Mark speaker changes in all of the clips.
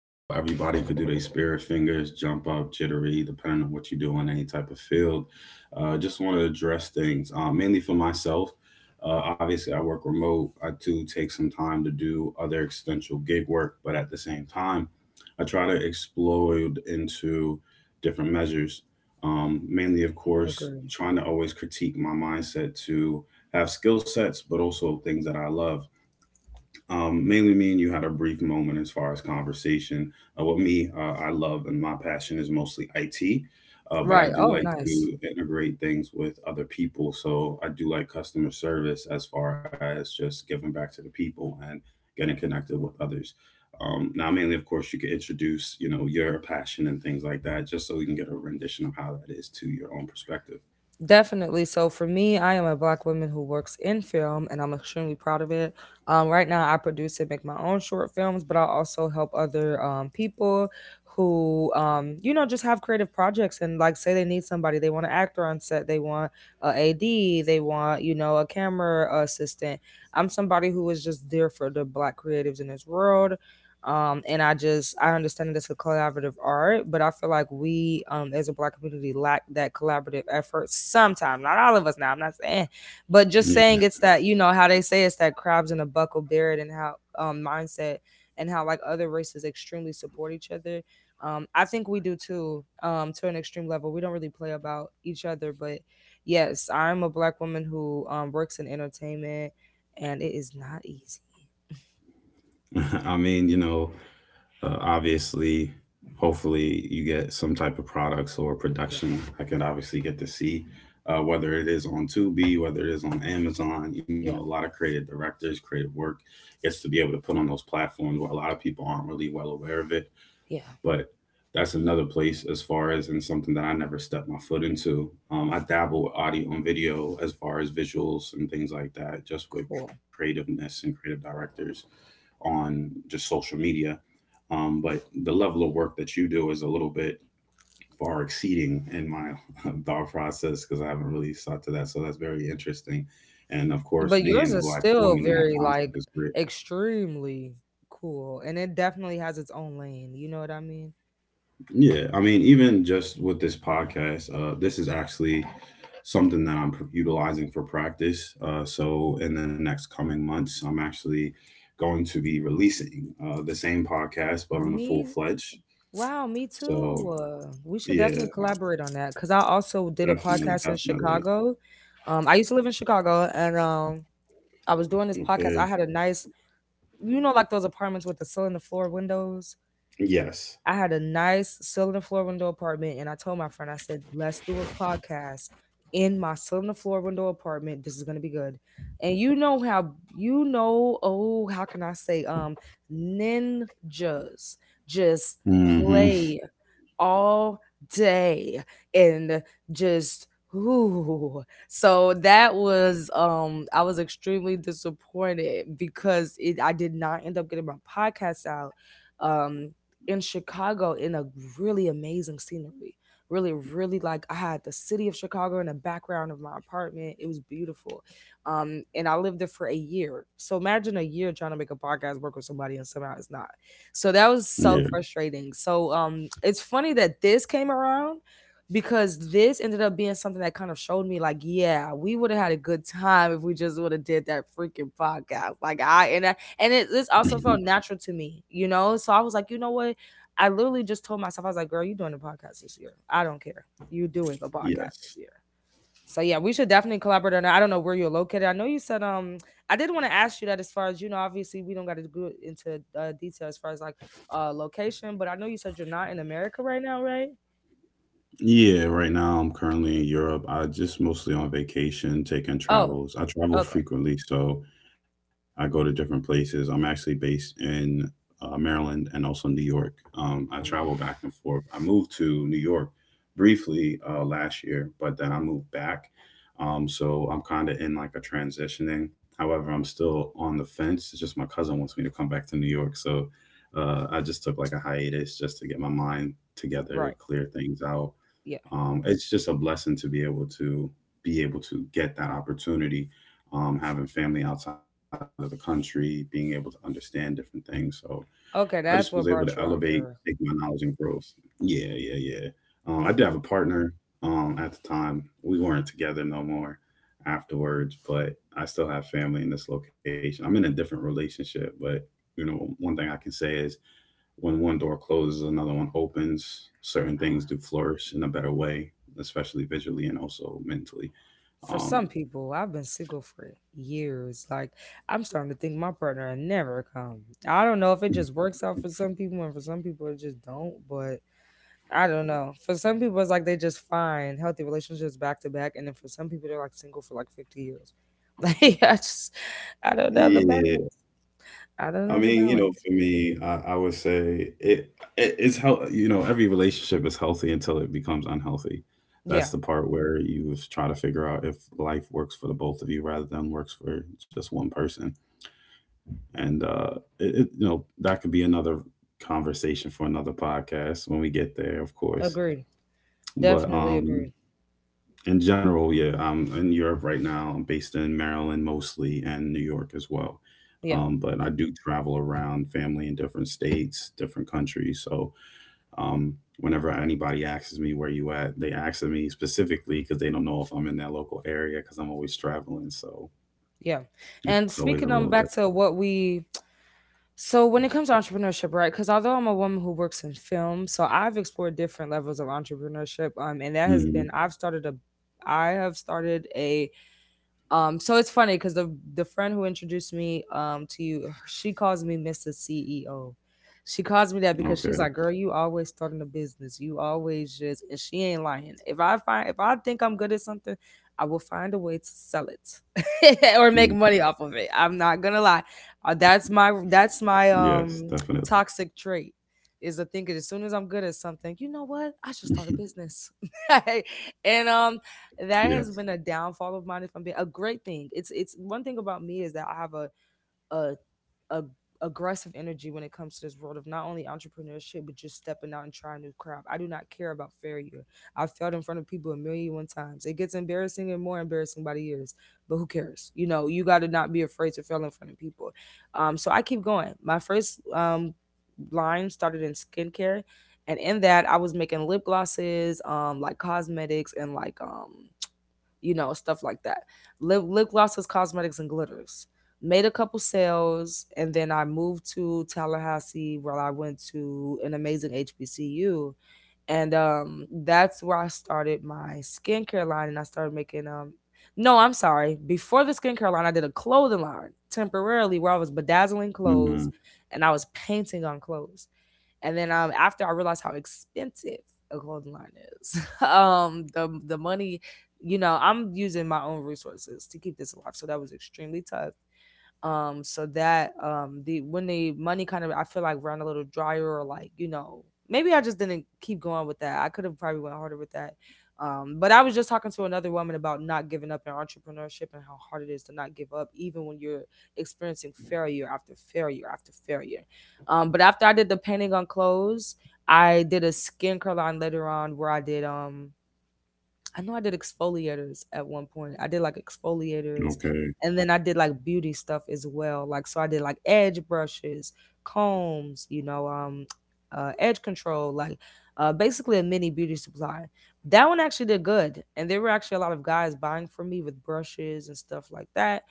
Speaker 1: You know, everybody could do their spirit fingers, jump up, jittery, depending on what you do in any type of field. Just want to address things, mainly for myself. Obviously, I work remote. I do take some time to do other extensional gig work, but at the same time, I try to explode into different measures. Mainly, of course,
Speaker 2: Agree.
Speaker 1: trying to always critique my mindset to have skill sets, but also things that I love mainly, me and you had a brief moment as far as conversation. I love and my passion is mostly IT, but
Speaker 2: Right.
Speaker 1: I do
Speaker 2: Oh,
Speaker 1: like to
Speaker 2: nice.
Speaker 1: integrate things with other people. So I do like customer service as far as just giving back to the people and getting connected with others. Now, mainly, of course, you could introduce, you know, your passion and things like that, just so you can get a rendition of how that is to your own perspective.
Speaker 2: Definitely. So for me, I am a black woman who works in film and I'm extremely proud of it. Right now, I produce and make my own short films, but I also help other people who, you know, just have creative projects and like say they need somebody, they want an actor on set, they want a AD, they want, you know, a camera assistant. I'm somebody who is just there for the black creatives in this world, and I understand that it's a collaborative art, but I feel like we, as a black community, lack that collaborative effort sometimes. Not all of us, now, I'm not saying, but just saying,
Speaker 1: Yeah.
Speaker 2: it's that, you know how they say, it's that crabs in a buckle beard and how, mindset, and how like other races extremely support each other. I think we do too, to an extreme level. We don't really play about each other. But yes, I'm a black woman who works in entertainment, and it is not easy.
Speaker 1: I mean, you know, obviously hopefully you get some type of products or
Speaker 2: Yeah,
Speaker 1: production I can obviously get to see, whether it is on Tubi, whether it is on Amazon. You know, a
Speaker 2: yeah,
Speaker 1: lot of creative directors, creative work gets to be able to put on those platforms where a lot of people aren't really well aware of it.
Speaker 2: yeah.
Speaker 1: But that's another place as far as and something that I never stepped my foot into. I dabble with audio and video as far as visuals and things like that, just with
Speaker 2: Cool.
Speaker 1: creativeness and creative directors on just social media, but the level of work that you do is a little bit far exceeding in my thought process, because I haven't really sought to that. So that's very interesting. And of course,
Speaker 2: But yours
Speaker 1: being a
Speaker 2: is
Speaker 1: black
Speaker 2: still
Speaker 1: woman in that
Speaker 2: very
Speaker 1: concept
Speaker 2: like
Speaker 1: is great.
Speaker 2: extremely cool, and it definitely has its own lane. You know what I mean?
Speaker 1: Yeah, I mean, even just with this podcast, this is actually something that I'm utilizing for practice. So in the next coming months, I'm actually going to be releasing the same podcast, but on a full
Speaker 2: Me,
Speaker 1: fledged.
Speaker 2: wow, me
Speaker 1: So
Speaker 2: too. We should
Speaker 1: yeah,
Speaker 2: definitely collaborate on that, cuz I also did a
Speaker 1: definitely,
Speaker 2: podcast in
Speaker 1: definitely.
Speaker 2: Chicago. I used to live in Chicago, and I was doing this podcast.
Speaker 1: Okay.
Speaker 2: I had a nice, you know, like those apartments with the ceiling to floor windows.
Speaker 1: Yes.
Speaker 2: I had a nice cylinder floor window apartment, and I told my friend, I said, let's do a podcast in my cylinder floor window apartment. This is gonna be good. And you know, how you know, oh, how can I say, ninjas just
Speaker 1: Hmm.
Speaker 2: play all day and just ooh. So that was, I was extremely disappointed because it I did not end up getting my podcast out. Um in Chicago, in a really amazing scenery. Really, really, like I had the city of Chicago in the background of my apartment. It was beautiful. And I lived there for a year. So imagine a year trying to make a podcast work with somebody and somehow it's not. So that was
Speaker 1: Yeah.
Speaker 2: so frustrating. So it's funny that this came around, because this ended up being something that kind of showed me, like, yeah, we would have had a good time if we just would have did that freaking podcast. And this also felt natural to me, you know. So I was like, you know what, I literally just told myself, I was like, girl, you doing a podcast this year. I don't care. You doing a podcast
Speaker 1: Yes.
Speaker 2: this year. So yeah, we should definitely collaborate on that. I don't know where you're located. I know you said, I did want to ask you that, as far as, you know, obviously we don't got to go into, detail as far as like, location, but I know you said you're not in America right now, right?
Speaker 1: Yeah, right now I'm currently in Europe. I just mostly on vacation, taking
Speaker 2: Oh,
Speaker 1: travels. I travel
Speaker 2: okay.
Speaker 1: frequently, so I go to different places. I'm actually based in Maryland and also New York. I travel
Speaker 2: Mm,
Speaker 1: back and forth. I moved to New York briefly last year, but then I moved back. So I'm kind of in like a transitioning. However, I'm still on the fence. It's just my cousin wants me to come back to New York, so I just took like a hiatus just to get my mind together,
Speaker 2: right.
Speaker 1: clear things out.
Speaker 2: Yeah.
Speaker 1: It's just a blessing to be able to be able to get that opportunity, having family outside of the country, being able to understand different things. So I just was
Speaker 2: Okay,
Speaker 1: able to
Speaker 2: that's what brought
Speaker 1: elevate,
Speaker 2: you out
Speaker 1: take my
Speaker 2: there.
Speaker 1: knowledge and growth. Yeah, yeah, yeah. I did have a
Speaker 2: Okay.
Speaker 1: partner at the time. We weren't together no more
Speaker 2: Mm-hmm.
Speaker 1: afterwards, but I still have family in this location. I'm in a different relationship, but you know one thing I can say is, when one door closes, another one opens. Certain things do flourish in a better way, especially visually and also mentally.
Speaker 2: For some
Speaker 1: Um,
Speaker 2: people, I've been single for years. Like, I'm starting to think my partner will never come. I don't know if it just works out for some people, and for some people, it just don't. But I don't know. For some people, it's like they just find healthy relationships back to back. And then for some people, they're like single for like 50 years. Like, I just, I don't know the
Speaker 1: yeah,
Speaker 2: balance. I don't
Speaker 1: I
Speaker 2: know the
Speaker 1: mean, you know,
Speaker 2: balance.
Speaker 1: for me, I would say it's how, you know, every relationship is healthy until it becomes unhealthy.
Speaker 2: Yeah,
Speaker 1: That's the part where you try to figure out if life works for the both of you rather than works for just one person. And it, it you know that could be another conversation for another podcast when we get there, of course.
Speaker 2: agreed.
Speaker 1: But
Speaker 2: Definitely agreed.
Speaker 1: in general, yeah, I'm in Europe right now. I'm based in Maryland mostly and New York as well.
Speaker 2: Yeah,
Speaker 1: But I do travel around family in different states, different countries. So um, whenever anybody asks me where you at, they ask me specifically because they don't know if I'm in that local area, because I'm always traveling. So
Speaker 2: yeah.
Speaker 1: it's
Speaker 2: And
Speaker 1: always a
Speaker 2: speaking
Speaker 1: little
Speaker 2: on
Speaker 1: different.
Speaker 2: back to what we So when it comes to entrepreneurship, right? Because although I'm a woman who works in film, so I've explored different levels of entrepreneurship, and that has been
Speaker 1: Hmm.
Speaker 2: I've started a, I have started a, so it's funny because the friend who introduced me to you, she calls me Mr. CEO. She calls me that because she's
Speaker 1: Okay.
Speaker 2: like, "Girl, you always starting a business. You always just," and she ain't lying. If I think I'm good at something, I will find a way to sell it or make
Speaker 1: Mm.
Speaker 2: money off of it. I'm not gonna lie.
Speaker 1: Yes,
Speaker 2: That's
Speaker 1: definitely.
Speaker 2: my, that's my toxic trait, is to think as soon as I'm good at something, you know what? I should start a business. And
Speaker 1: Yes.
Speaker 2: that has been a downfall of mine. If I'm being, a great thing, it's one thing about me is that I have a, a, a aggressive energy when it comes to this world of not only entrepreneurship, but just stepping out and trying new crap. I do not care about failure. I've failed in front of people a million one times. It gets embarrassing and more embarrassing by the years, but who cares? You know, you got to not be afraid to fail in front of people. So I keep going. My first line started in skincare, and in that I was making lip glosses, like cosmetics, and like, you know, stuff like that. Lip glosses, cosmetics, and glitters. Made a couple sales, and then I moved to Tallahassee, where I went to an amazing HBCU, and that's where I started my skincare line, and I started making No, I'm sorry. Before the skincare line, I did a clothing line temporarily, where I was bedazzling
Speaker 1: Hmm.
Speaker 2: clothes and I was painting on clothes. And then after I realized how expensive a clothing line is, the money, you know, I'm using my own resources to keep this alive. So that was extremely tough. So that The when the money kind of, I feel like, ran a little drier, or like, you know, maybe I just didn't keep going with that. I could have probably went harder with that. But I was just talking to another woman about not giving up in entrepreneurship, and how hard it is to not give up even when you're experiencing failure after failure after failure. But after I did the painting on clothes, I did a skincare line later on, where I did I know I did exfoliators at one point. I did like exfoliators,
Speaker 1: Okay.
Speaker 2: and then I did like beauty stuff as well. Like, so I did like edge brushes, combs, you know, edge control, like, basically a mini beauty supply. That one actually did good. And there were actually a lot of guys buying from me with brushes and stuff like that.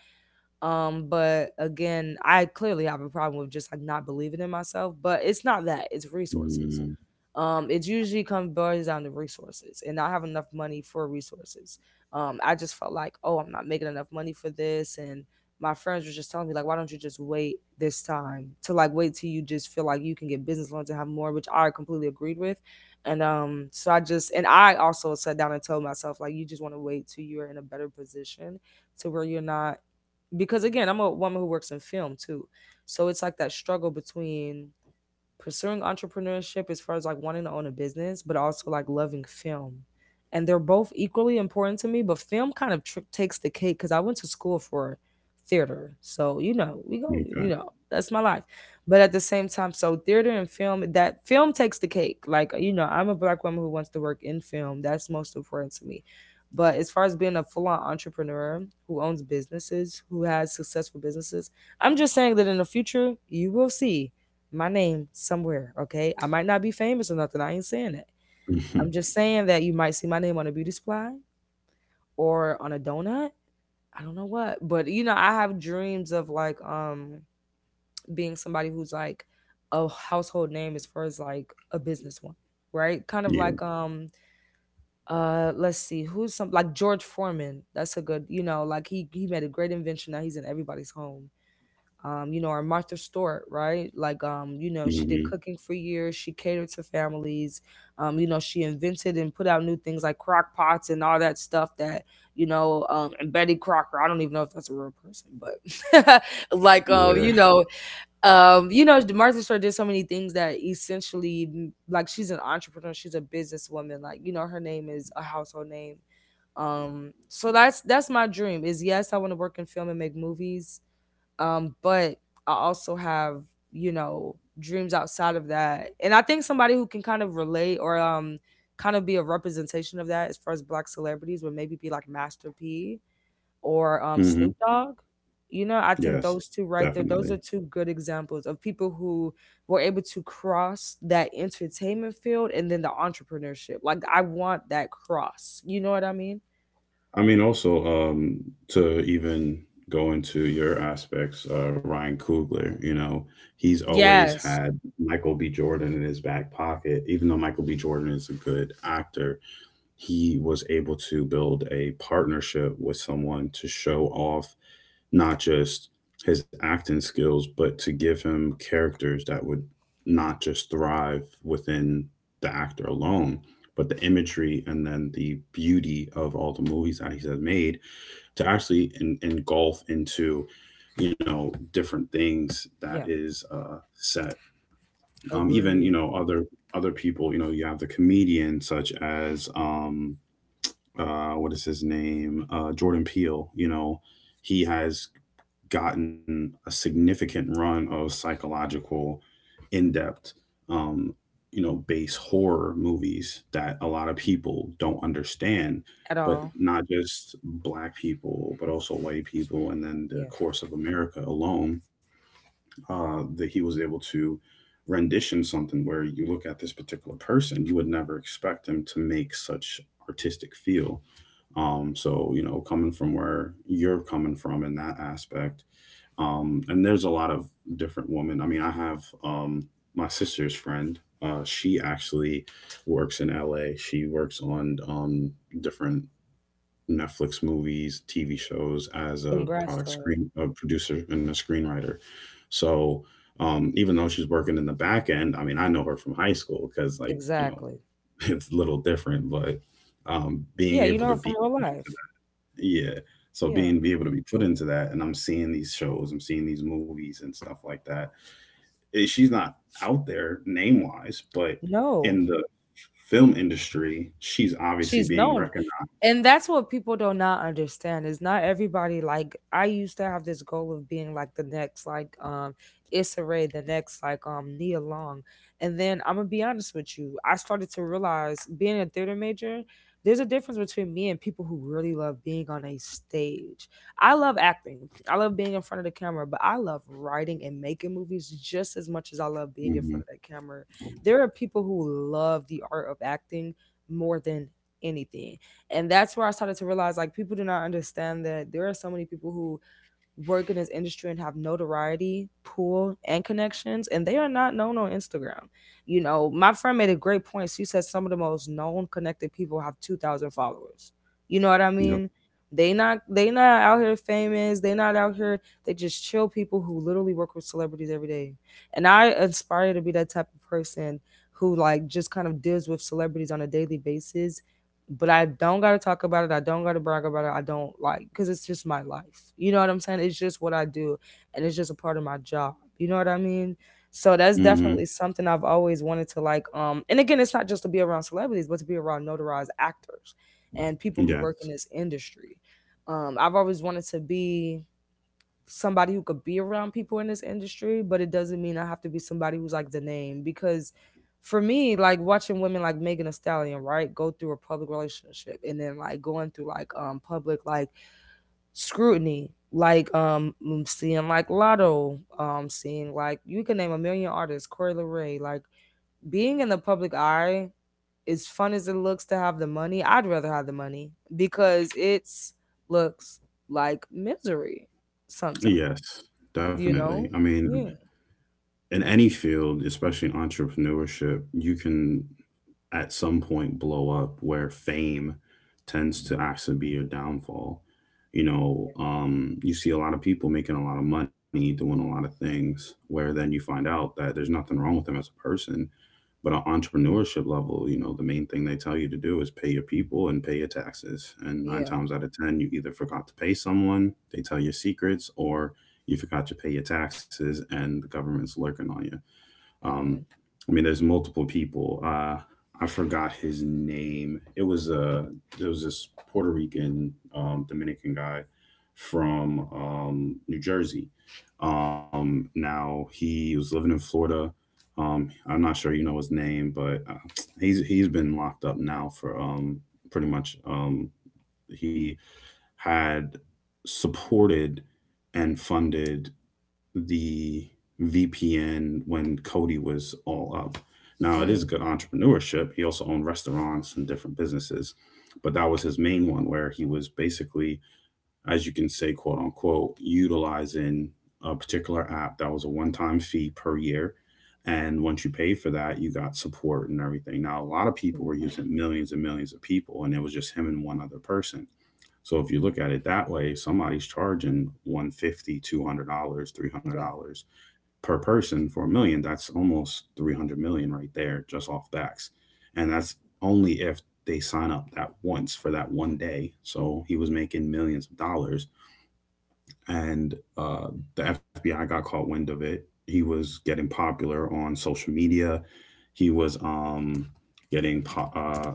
Speaker 2: But again, I clearly have a problem with just like not believing in myself, but it's not that. It's resources.
Speaker 1: Mm.
Speaker 2: It usually comes boils down to resources and not have enough money for resources. I just felt like, oh, I'm not making enough money for this, and my friends were just telling me like, why don't you just wait this time to like, wait till you just feel like you can get business loans and have more, which I completely agreed with. And so I just, and I also sat down and told myself like, you just want to wait till you're in a better position, to where you're not, because again, I'm a woman who works in film too. So it's like that struggle between pursuing entrepreneurship as far as like wanting to own a business, but also like loving film. And they're both equally important to me, but film kind of takes the cake because I went to school for theater. So, you know, we go,
Speaker 1: Okay.
Speaker 2: you know, that's my life. But at the same time, so theater and film, that film takes the cake. Like, you know, I'm a black woman who wants to work in film. That's most important to me. But as far as being a full on entrepreneur who owns businesses, who has successful businesses, I'm just saying that in the future, you will see my name somewhere, okay? I might not be famous or nothing. I ain't saying that. I'm just saying that you might see my name on a beauty supply or on a donut. I don't know what, but you know, I have dreams of like being somebody who's like a household name as far as like a businesswoman, right? Kind of
Speaker 1: Yeah.
Speaker 2: like, let's see, who's some like, George Foreman. That's a good, you know, like he made a great invention. Now he's in everybody's home. You know, or Martha Stewart, right? Like, you know, she did
Speaker 1: Hmm.
Speaker 2: cooking for years. She catered to families. She invented and put out new things like crock pots and all that stuff and Betty Crocker. I don't even know if that's a real person, but like, um,
Speaker 1: Yeah.
Speaker 2: you know, Martha Stewart did so many things that essentially, she's an entrepreneur. She's a businesswoman. Her name is a household name. So that's my dream. Is yes, I want to work in film and make movies, but I also have dreams outside of that, and I think somebody who can kind of relate or kind of be a representation of that as far as black celebrities would maybe be like Master P or
Speaker 1: Hmm.
Speaker 2: Snoop Dogg. You know, I think
Speaker 1: Yes,
Speaker 2: those two right there, those
Speaker 1: definitely.
Speaker 2: are two good examples of people who were able to cross that entertainment field and then the entrepreneurship. Like I want that cross. You know what I mean?
Speaker 1: I mean, also to even go into your aspects, Ryan Coogler, you know, he's always
Speaker 2: Yes.
Speaker 1: had Michael B. Jordan in his back pocket. Even though Michael B. Jordan is a good actor, he was able to build a partnership with someone to show off not just his acting skills, but to give him characters that would not just thrive within the actor alone, but the imagery and then the beauty of all the movies that he's made to actually engulf into, you know, different things that
Speaker 2: Yeah.
Speaker 1: is set. Even you
Speaker 2: Agreed.
Speaker 1: know other people. You know you have the comedian such as what is his name, Jordan Peele. You know he has gotten a significant run of psychological, in depth, um, you know, base horror movies that a lot of people don't understand.
Speaker 2: At
Speaker 1: But
Speaker 2: all.
Speaker 1: not just black people, but also white people, and then the
Speaker 2: Yeah.
Speaker 1: course of America alone, that he was able to rendition something where you look at this particular person, you would never expect him to make such artistic feel. So you know, coming from where you're coming from in that aspect, and there's a lot of different women. I mean, I have um, my sister's friend. She actually works in LA. She works on different Netflix movies, TV shows as a
Speaker 2: Congrats
Speaker 1: product
Speaker 2: to her.
Speaker 1: screen, a producer and a screenwriter. So even though she's working in the back end, I mean, I know her from high school, because like you know
Speaker 2: Exactly.
Speaker 1: it's a little different, but being
Speaker 2: Yeah, you
Speaker 1: able
Speaker 2: know
Speaker 1: to
Speaker 2: her
Speaker 1: be,
Speaker 2: from real life.
Speaker 1: yeah. So
Speaker 2: Yeah.
Speaker 1: being be able to be put into that, and I'm seeing these shows, I'm seeing these movies and stuff like that. Eh, she's not out there name wise, but in
Speaker 2: No.
Speaker 1: the film industry, she's obviously
Speaker 2: She's
Speaker 1: being
Speaker 2: known,
Speaker 1: recognized.
Speaker 2: and that's what people do not understand is not everybody like I used to have this goal of being like the next Issa Rae, the next Nia Long, and then I'm gonna be honest with you, I started to realize being a theater major, there's a difference between me and people who really love being on a stage. I love acting, I love being in front of the camera, but I love writing and making movies just as much as I love being in
Speaker 1: Hmm.
Speaker 2: front of that camera. There are people who love the art of acting more than anything, and that's where I started to realize like people do not understand that there are so many people who work in this industry and have notoriety, pool, and connections, and they are not known on Instagram. You know, my friend made a great point. She said some of the most known connected people have 2,000 followers. You know what I
Speaker 1: Yep.
Speaker 2: mean? They not out here famous. They not out here. They just chill people who literally work with celebrities every day. And I aspire to be that type of person who like just kind of deals with celebrities on a daily basis, but I don't got to talk about it. I don't got to brag about it. I don't like because it's just my life. You know what I'm saying? It's just what I do, and it's just a part of my job. You know what I mean? So that's
Speaker 1: Hmm.
Speaker 2: definitely something I've always wanted to like. And again, it's not just to be around celebrities, but to be around notarized actors and people who
Speaker 1: Yes.
Speaker 2: work in this industry. I've always wanted to be somebody who could be around people in this industry, but it doesn't mean I have to be somebody who's like the name because for me, like watching women like Megan Thee Stallion, right, go through a public relationship and then like going through public like scrutiny, seeing like Lotto, seeing like you can name a million artists, Corey LeRae, like being in the public eye, as fun as it looks to have the money, I'd rather have the money because it's looks like misery sometimes,
Speaker 1: Yes.
Speaker 2: you
Speaker 1: Definitely.
Speaker 2: know.
Speaker 1: I mean,
Speaker 2: Yeah.
Speaker 1: in any field, especially in entrepreneurship, you can at some point blow up where fame tends to actually be your downfall. You know, you see a lot of people making a lot of money, doing a lot of things, where then you find out that there's nothing wrong with them as a person. But on entrepreneurship level, you know, the main thing they tell you to do is pay your people and pay your taxes. And nine
Speaker 2: Yeah.
Speaker 1: times out of 10, you either forgot to pay someone, they tell your secrets, or you forgot to pay your taxes and the government's lurking on you. Um,
Speaker 2: hmm
Speaker 1: I mean, there's multiple people. I forgot his name. It was a there was this Puerto Rican Dominican guy from New Jersey. Now he was living in Florida. I'm not sure you know his name, but he's been locked up now for pretty much. He had supported and funded the VPN when Cody was all up. Now it is good
Speaker 2: mm,
Speaker 1: entrepreneurship. He also owned restaurants and different businesses, but that was his main one, where he was basically, as you can say, quote unquote, utilizing a particular app that was a one-time fee per year. And once you paid for that, you got support and everything. Now a lot of people
Speaker 2: yeah.
Speaker 1: were using, millions and millions of people, and it was just him and one other person. So if you look at it that way, somebody's charging 150, $200, 300
Speaker 2: yeah
Speaker 1: dollars three hundred dollars per person for a million. That's almost 300 million right there just off backs. And that's only if they sign up that once for that one day. So he was making millions of dollars, and the FBI got caught wind of it. He was getting popular on social media. He was getting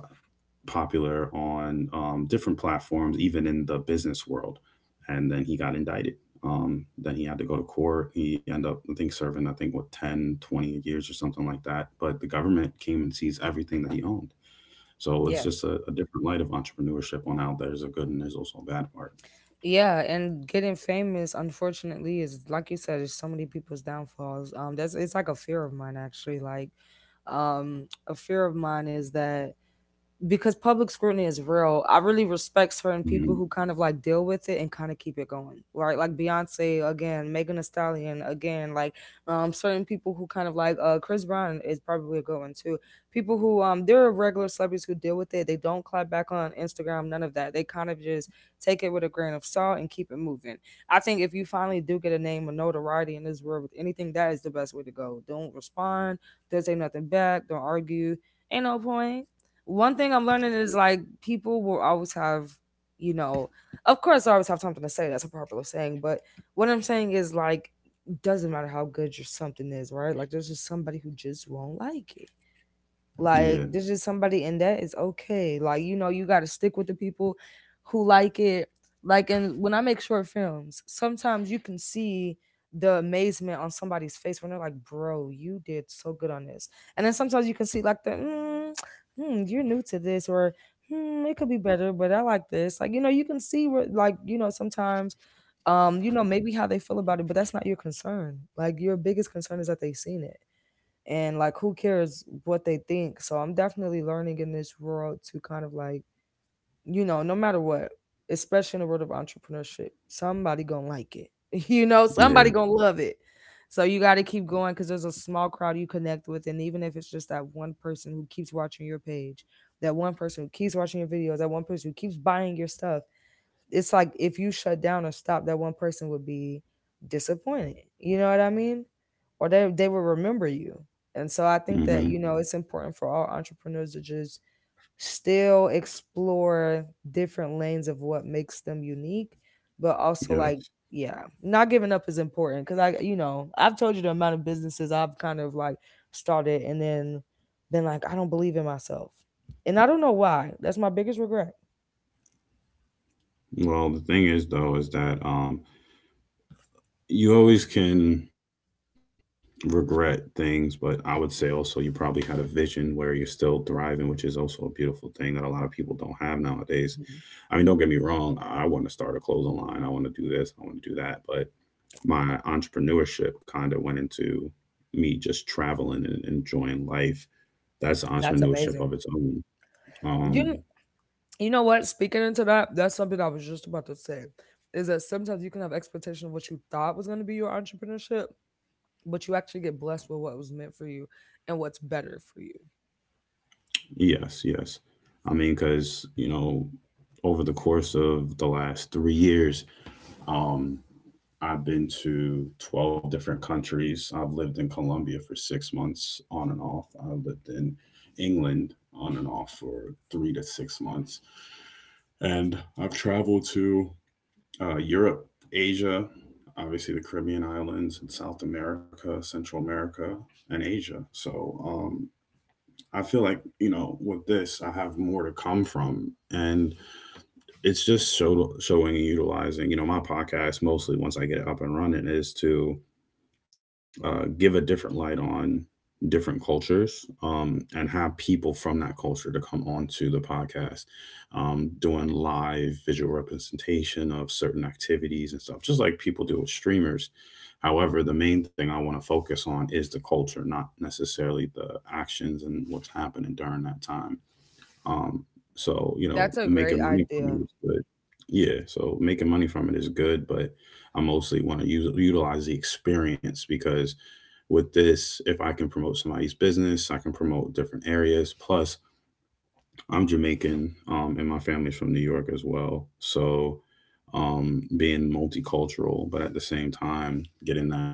Speaker 1: popular on different platforms, even in the business world. And then he got indicted. Then he had to go to court. He ended up, I think, serving, I think, what, 10, 20 years or something like that. But the government came and seized everything that he owned. So it's
Speaker 2: yeah
Speaker 1: just a different light of entrepreneurship on how there's a good and there's also a bad part.
Speaker 2: yeah and getting famous unfortunately is like you said is so many people's downfalls, that's it's like a fear of mine actually, like a fear of mine is that because public scrutiny is real. I really respect certain people
Speaker 1: Mhm.
Speaker 2: who kind of like deal with it and kind of keep it going, right? Like Beyonce again, Megan Thee Stallion again, like certain people who kind of Chris Brown is probably a good one too. People who there are regular celebrities who deal with it. They don't clap back on Instagram, none of that. They kind of just take it with a grain of salt and keep it moving. I think if you finally do get a name or notoriety in this world with anything, that is the best way to go. Don't respond, don't say nothing back, don't argue. Ain't no point. One thing I'm learning is like people will always have, you know, of course I always have something to say. That's a popular saying, but what I'm saying is like doesn't matter how good your something is, right? Like there's just somebody who just won't like it.
Speaker 1: Yeah.
Speaker 2: Like there's just somebody, and that is okay. Like, you know, you gotta stick with the people who like it. Like and when I make short films, sometimes you can see the amazement on somebody's face when they're like, bro, you did so good on this. And then sometimes you can see like the mm, hmm, you're new to this, or hmm, it could be better, but I like this. Like, you know, you can see where like, you know, sometimes maybe how they feel about it, but that's not your concern. Like your biggest concern is that they've seen it, and like who cares what they think. So I'm definitely learning in this world to kind of like no matter what, especially in the world of entrepreneurship, somebody gonna like it you know somebody
Speaker 1: Yeah.
Speaker 2: gonna love it. So you got to keep going because there's a small crowd you connect with, and even if it's just that one person who keeps watching your page, that one person who keeps watching your videos, that one person who keeps buying your stuff, it's like if you shut down or stop, that one person would be disappointed. You know what I mean? Or they will remember you. And so I think that
Speaker 1: Mhm.
Speaker 2: you know it's important for all entrepreneurs to just still explore different lanes of what makes them unique, but also
Speaker 1: Yes.
Speaker 2: like yeah, not giving up is important because I've told you the amount of businesses I've kind of like started and then been like I don't believe in myself, and I don't know why. That's my biggest regret.
Speaker 1: Well, the thing is though is that you always can regret things, but I would say also you probably had a vision where you're still thriving, which is also a beautiful thing that a lot of people don't have nowadays. I mean,
Speaker 2: Mhm.
Speaker 1: don't get me wrong, I want to start a clothing line, I want to do this, I want to do that, but my entrepreneurship kind of went into me just traveling and enjoying life. That's
Speaker 2: That's
Speaker 1: entrepreneurship of
Speaker 2: amazing.
Speaker 1: its own. Um,
Speaker 2: You You know what? Speaking into that, that's something I was just about to say. Is that sometimes you can have expectation of what you thought was going to be your entrepreneurship, but you actually get blessed with what was meant for you and what's better for you.
Speaker 1: Yes, yes. I mean, because, over the course of the last 3 years, um, I've been to 12 different countries. I've lived in Colombia for 6 months on and off. I lived in England on and off for 3 to 6 months. And I've traveled to Europe, Asia, obviously the Caribbean islands, and South America, Central America, and Asia. So um, I feel like with this I have more to come from, and it's just showing and utilizing. You know, my podcast mostly once I get it up and running is to give a different light on different cultures and have people from that culture to come on to the podcast doing live visual representation of certain activities and stuff just like people do with streamers. However, the main thing I want to focus on is the culture, not necessarily the actions and what's happening during that time. um, so
Speaker 2: That's a great
Speaker 1: making money from it
Speaker 2: idea.
Speaker 1: is good. Yeah, so making money from it is good, but I mostly want to use utilize the experience because with this, if I can promote somebody's business, I can promote different areas. Plus, I'm Jamaican, and my family's from New York as well. So, being multicultural, but at the same time, getting that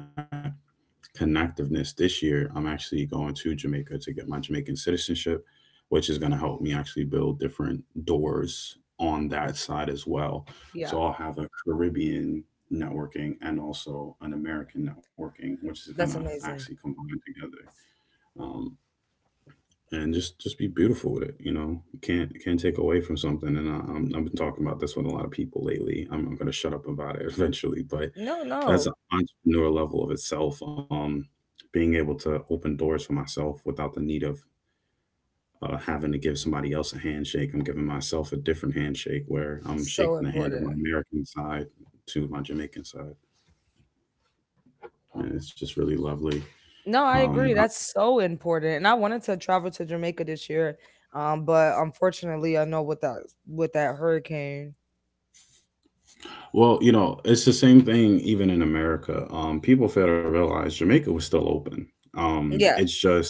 Speaker 1: connectiveness this year, I'm actually going to Jamaica to get my Jamaican citizenship, which is going to help me actually build different doors on that side as well.
Speaker 2: Yeah,
Speaker 1: So I'll have a Caribbean networking and also an American networking, which is going to
Speaker 2: that's
Speaker 1: actually
Speaker 2: amazing.
Speaker 1: combine together. Um, and just be beautiful with it. You know, you can't take away from something. And I've been talking about this with a lot of people lately. I'm going to shut up about it eventually, but
Speaker 2: No,
Speaker 1: that's
Speaker 2: no,
Speaker 1: an entrepreneur level of itself. Being able to open doors for myself without the need of having to give somebody else a handshake. I'm giving myself a different handshake where I'm
Speaker 2: so
Speaker 1: shaking the hand of my
Speaker 2: important.
Speaker 1: American side to my Jamaican side. And it's just really lovely.
Speaker 2: No, I
Speaker 1: Um,
Speaker 2: agree. That's so important. And I wanted to travel to Jamaica this year, but unfortunately, I know with that hurricane.
Speaker 1: Well, you know, it's the same thing even in America. People fail to realize Jamaica was still open.
Speaker 2: Yeah.
Speaker 1: It's just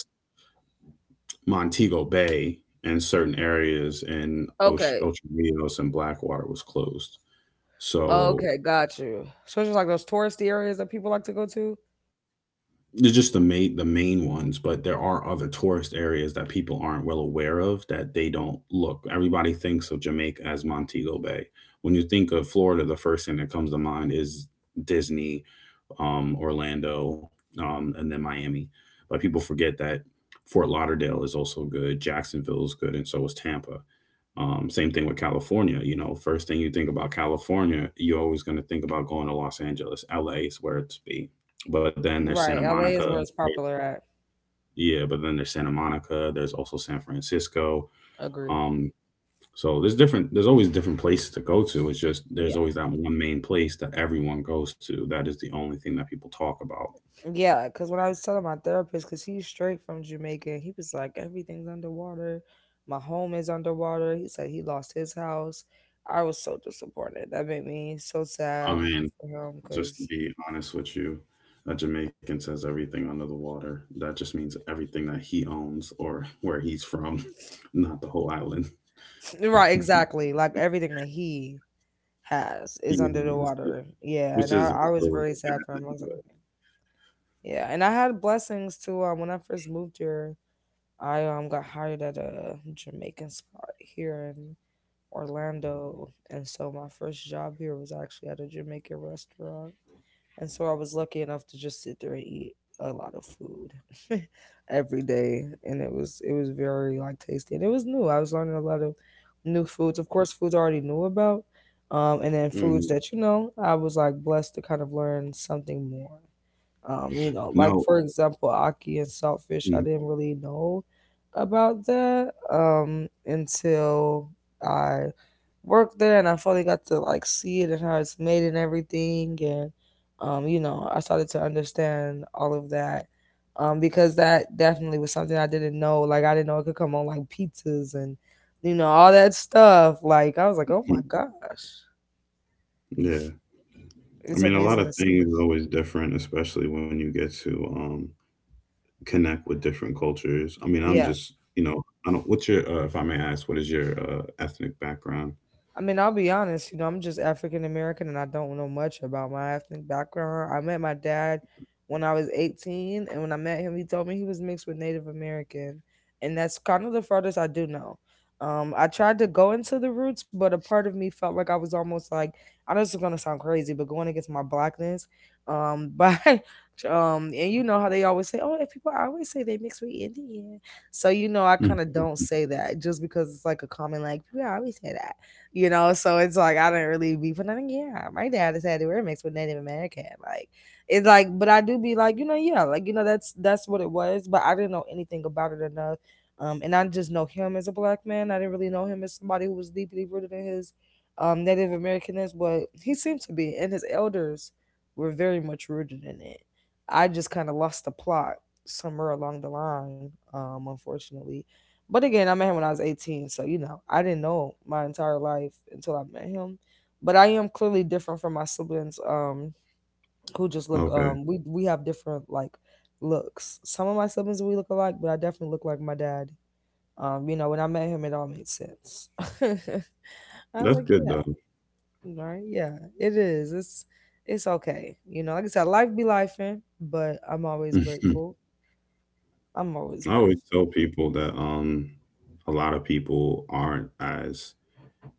Speaker 1: Montego Bay and certain areas in
Speaker 2: Okay.
Speaker 1: Ocho Rios and Blackwater was closed. So
Speaker 2: Okay. Got you. So just like those touristy areas that people like to go to.
Speaker 1: they're just the main ones, but there are other tourist areas that people aren't well aware of that they don't look. Everybody thinks of Jamaica as Montego Bay. When you think of Florida, the first thing that comes to mind is Disney, Orlando, and then Miami. But people forget that Fort Lauderdale is also good, Jacksonville is good, and so is Tampa. Same thing with California. You know, first thing you think about California, you're always going to think about going to Los Angeles. LA is where it's be. But then there's Santa
Speaker 2: Right. LA
Speaker 1: Monica.
Speaker 2: is where it's popular at.
Speaker 1: Yeah, but then there's Santa Monica. There's also San Francisco.
Speaker 2: Agree.
Speaker 1: Um, so There's always different places to go to. It's just
Speaker 2: Yeah.
Speaker 1: there's always that one main place that everyone goes to. That is the only thing that people talk about.
Speaker 2: Yeah. Because when I was telling my therapist, because he's straight from Jamaica, he was like, everything's underwater. My home is underwater. He said he lost his house. I was so disappointed. That made me so
Speaker 1: I
Speaker 2: sad
Speaker 1: mean,
Speaker 2: for him
Speaker 1: just
Speaker 2: because,
Speaker 1: to be honest with you, a Jamaican says everything under the water. That just means everything that he owns or where he's from, not the whole island.
Speaker 2: right, exactly. Like everything that he has
Speaker 1: He
Speaker 2: is
Speaker 1: is,
Speaker 2: under the water. Yeah. And
Speaker 1: which
Speaker 2: I,
Speaker 1: is
Speaker 2: I was
Speaker 1: still is
Speaker 2: very
Speaker 1: a
Speaker 2: sad
Speaker 1: bad
Speaker 2: for him.
Speaker 1: thing.
Speaker 2: I was like,
Speaker 1: But
Speaker 2: yeah. And I had blessings too. When I first moved here, I got hired at a Jamaican spot here in Orlando, and so my first job here was actually at a Jamaican restaurant, and so I was lucky enough to just sit there and eat a lot of food every day, and it was very like tasty, and it was new. I was learning a lot of new foods, of course, foods I already knew about, and then
Speaker 1: mm,
Speaker 2: foods that you know I was like blessed to kind of learn something more. You know,
Speaker 1: no,
Speaker 2: like for example, Aki and Saltfish,
Speaker 1: mm,
Speaker 2: I didn't really know about that until I worked there, and I finally got to like see it and how it's made and everything, and you know, I started to understand all of that. Because that definitely was something I didn't know. Like I didn't know it could come on like pizzas and you know, all that stuff. Like I was like, oh
Speaker 1: mm,
Speaker 2: my gosh.
Speaker 1: yeah. I
Speaker 2: It's
Speaker 1: mean, a lot
Speaker 2: amazing
Speaker 1: of
Speaker 2: to see.
Speaker 1: things are always different, especially when you get to um, connect with different cultures. I mean, I'm
Speaker 2: Yeah.
Speaker 1: just, I don't. What's your, if I may ask, what is your ethnic background?
Speaker 2: I mean, I'll be honest, you know, I'm just African American and I don't know much about my ethnic background. I met my dad when I was 18, and when I met him, he told me he was mixed with Native American. And that's kind of the furthest I do know. I tried to go into the roots, but a part of me felt like I was almost like, I know this is going to sound crazy, but going against my blackness. But, and you know how they always say, oh, if people, I always say they mixed with Indian. So, you know, I
Speaker 1: Mm.
Speaker 2: kind of don't say that just because it's like a common, like, people always say that. So it's like I didn't really be, for nothing. Yeah, my dad has had it were mixed with Native American. Like it's like, but I do be like, you know, yeah, like you know, that's what it was. But I didn't know anything about it enough. And I just know him as a black man. I didn't really know him as somebody who was deeply rooted in his Native Americanness, but he seemed to be, and his elders were very much rooted in it. I just kind of lost the plot somewhere along the line, unfortunately. But again, I met him when I was 18, so you know, I didn't know my entire life until I met him. But I am clearly different from my siblings who just look
Speaker 1: Okay,
Speaker 2: um, we have different like looks. Some of my siblings we look alike, but I definitely look like my dad. You know, when I met him it all made sense. I was
Speaker 1: that's
Speaker 2: like,
Speaker 1: good
Speaker 2: yeah,
Speaker 1: though.
Speaker 2: right, yeah, it is. It's okay. You know, like I said, life be lifing, but I'm always grateful. I'm always
Speaker 1: I always
Speaker 2: grateful.
Speaker 1: tell people that a lot of people aren't as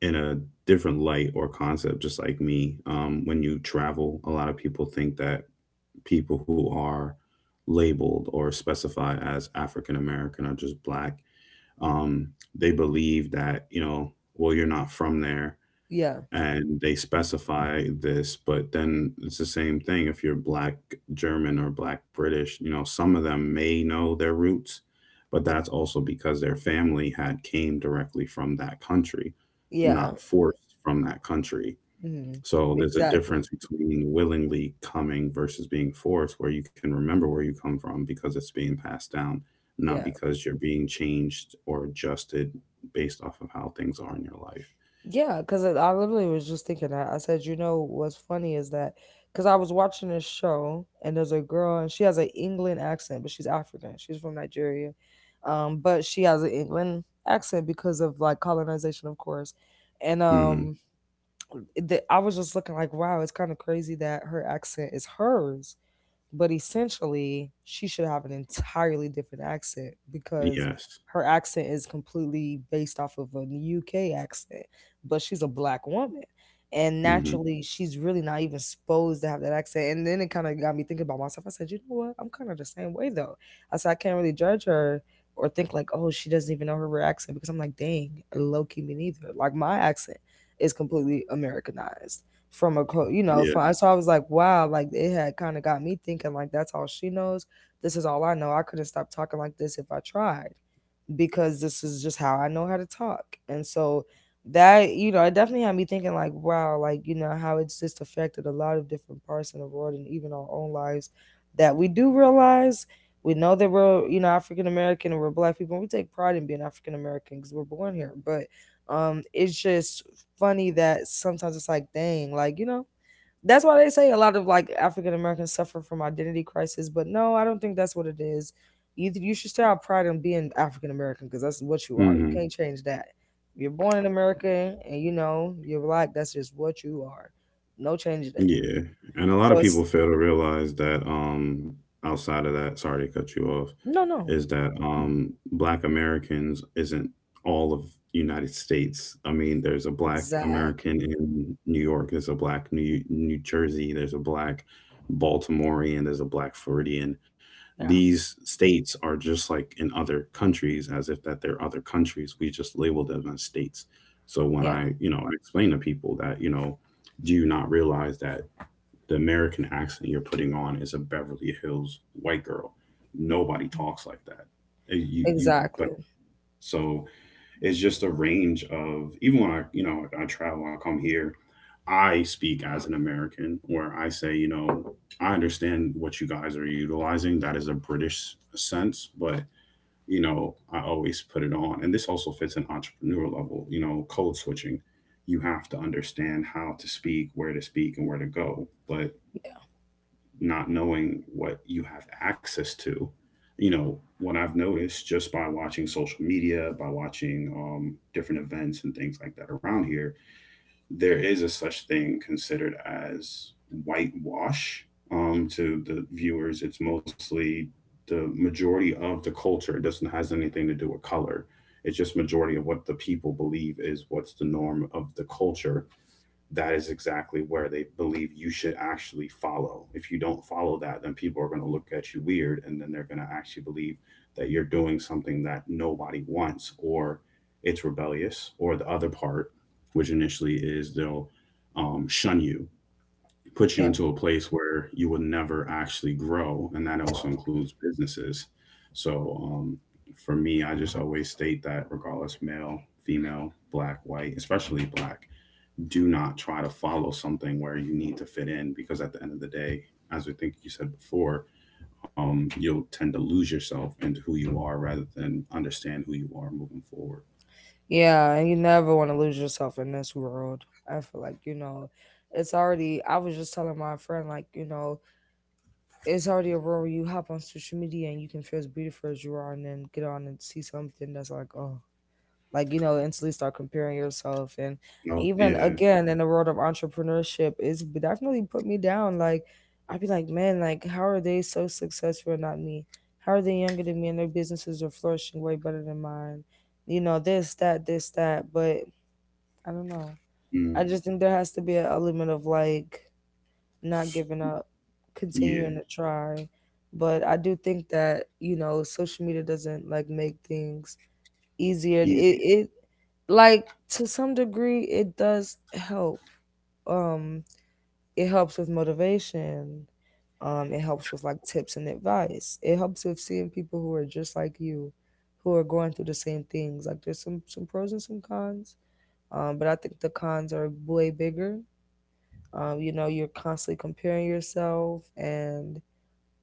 Speaker 1: in a different light or concept, just like me. When you travel, a lot of people think that people who are labeled or specified as African American or just black, um, they believe that, you know, well, you're not from there,
Speaker 2: Yeah,
Speaker 1: and they specify this, but then it's the same thing. If you're Black German or Black British, you know, some of them may know their roots, but that's also because their family had came directly from that country, not
Speaker 2: yeah.
Speaker 1: forced from that country.
Speaker 2: Hmm.
Speaker 1: So there's a
Speaker 2: Exactly.
Speaker 1: difference between willingly coming versus being forced, where you can remember where you come from because it's being passed down, not
Speaker 2: Yeah.
Speaker 1: because you're being changed or adjusted based off of how things are in your life.
Speaker 2: Yeah, because I literally was just thinking that. I said, you know, what's funny is that because I was watching this show and there's a girl and she has an England accent, but she's African. She's from Nigeria, but she has an England accent because of like colonization, of course. And
Speaker 1: hmm
Speaker 2: um, I was just looking like, wow, it's kind of crazy that her accent is hers but essentially she should have an entirely different accent because
Speaker 1: yes.
Speaker 2: her accent is completely based off of an UK accent, but she's a black woman. And
Speaker 1: Mhm.
Speaker 2: naturally, she's really not even supposed to have that accent. And then it kind of got me thinking about myself. I said, you know what? I'm kind of the same way though. I said, I can't really judge her or think like, oh, she doesn't even know her real accent because I'm like, dang, low key me neither. Like my accent is completely Americanized from a co you know
Speaker 1: Yeah.
Speaker 2: from, so I was like wow like it had kind of got me thinking like that's all she knows, this is all I know, I couldn't stop talking like this if I tried because this is just how I know how to talk. And so that, you know, it definitely had me thinking like, wow, like, you know, how it's just affected a lot of different parts in the world and even our own lives that we do realize we know that we're, you know, African American and we're black people and we take pride in being African American because we're born here. But it's just funny that sometimes it's like, dang, like, you know, that's why they say a lot of like African Americans suffer from identity crisis, but no, I don't think that's what it is. You should still have pride in being African American because that's what you are. You
Speaker 1: Mhm.
Speaker 2: can't change that. You're born in America and you know you're black. That's just what you are. No changing that.
Speaker 1: Yeah, and a lot of
Speaker 2: So
Speaker 1: people
Speaker 2: it's
Speaker 1: fail to realize that outside of that, sorry to cut you off,
Speaker 2: no, no,
Speaker 1: is that Black Americans isn't all of United States. I mean, there's a Black
Speaker 2: exactly.
Speaker 1: American in New York, there's a Black New Jersey, there's a Black Baltimorean, there's a Black Floridian.
Speaker 2: Yeah,
Speaker 1: These states are just like in other countries, as if that they're other countries. We just label them as states. So when
Speaker 2: yeah,
Speaker 1: I, I explain to people that, you know, do you not realize that the American accent you're putting on is a Beverly Hills white girl? Nobody talks like that. You
Speaker 2: exactly.
Speaker 1: but so it's just a range of even when I, I travel, I come here, I speak as an American where I say, I understand what you guys are utilizing, that is a British sense, but you know, I always put it on. And this also fits an entrepreneur level, you know, code switching. You have to understand how to speak, where to speak, and where to go. But not knowing what you have access to, what I've noticed just by watching social media, by watching different events and things like that around here, there is a such thing considered as whitewash, to the viewers. It's mostly the majority of the culture. It doesn't has anything to do with color. It's just majority of what the people believe is what's the norm of the culture, that is exactly where they believe you should actually follow. If you don't follow that, then people are going to look at you weird, and then they're going to actually believe that you're doing something that nobody wants, or it's rebellious, or the other part, which initially is they'll shun you, put you
Speaker 2: Yeah.
Speaker 1: into a place where you will never actually grow. And that also includes businesses. So for me, I just always state that regardless, male, female, black, white, especially black, do not try to follow something where you need to fit in, because at the end of the day, as I think you said before, you'll tend to lose yourself into who you are rather than understand who you are moving forward.
Speaker 2: Yeah, and you never want to lose yourself in this world. I feel like, you know, it's already I was just telling my friend like, you know, it's already a world where you hop on social media and you can feel as beautiful as you are and then get on and see something that's like oh like you know instantly start comparing yourself and
Speaker 1: Oh
Speaker 2: even
Speaker 1: yeah.
Speaker 2: again in the world of entrepreneurship definitely put me down like I'd be like man like how are they so successful and not me, how are they younger than me and their businesses are flourishing way better than mine, you know this that this that, but I don't know,
Speaker 1: Mm,
Speaker 2: I just think there has to be a element of like not
Speaker 1: S-
Speaker 2: giving up,
Speaker 1: yeah.
Speaker 2: continuing to try. But I do think that, you know, social media doesn't like make things easier. It
Speaker 1: Easy.
Speaker 2: it like to some degree it does help. Um it helps with motivation. It helps with like tips and advice. It helps with seeing people who are just like you who are going through the same things. Like there's some pros and some cons. But I think the cons are way bigger, you know, you're constantly comparing yourself, and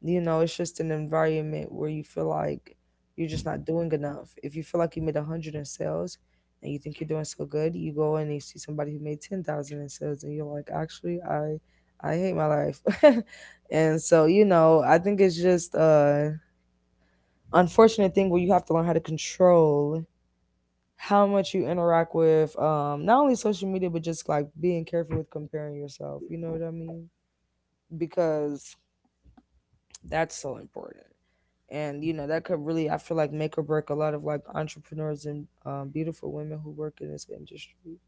Speaker 2: you know, it's just an environment where you feel like you're just not doing enough. If you feel like you made a hundred in sales and you think you're doing so good, you go and you see somebody who made 10,000 in sales, and you're like, actually, I hate my life. And so, you know, I think it's just a unfortunate thing where you have to learn how to control how much you interact with not only social media but just like being careful with comparing yourself, you know what I mean, because that's so important. And you know that could really, I feel like, make or break a lot of like entrepreneurs and beautiful women who work in this industry,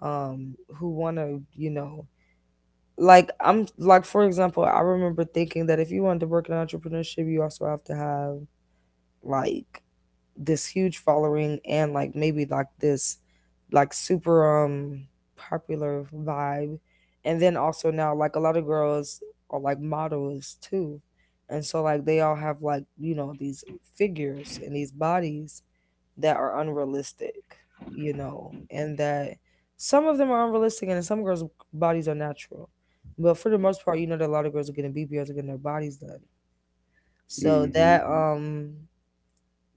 Speaker 2: who want to, you know, like I'm like for example, I remember thinking that if you wanted to work in entrepreneurship, you also have to have like this huge following and like maybe like this like super popular vibe, and then also now like a lot of girls are like models too and so like they all have like you know these figures and these bodies that are unrealistic, you know, and that some of them are unrealistic and some girls bodies are natural, but for the most part you know that a lot of girls are getting bbls are getting their bodies done, so
Speaker 1: Hmm.
Speaker 2: that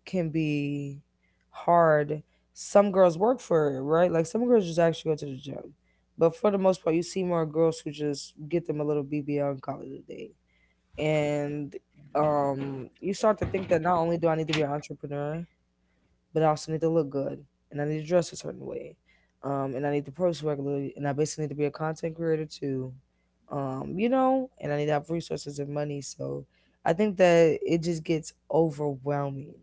Speaker 2: can be hard. Some girls work for it, right? Like some girls just actually go to the gym. But for the most part, you see more girls who just get them a little BBL and call it a day. And you start to think that not only do I need to be an entrepreneur, but I also need to look good, and I need to dress a certain way, and I need to post regularly, and I basically need to be a content creator too, you know, and I need to have resources and money. So I think that it just gets overwhelming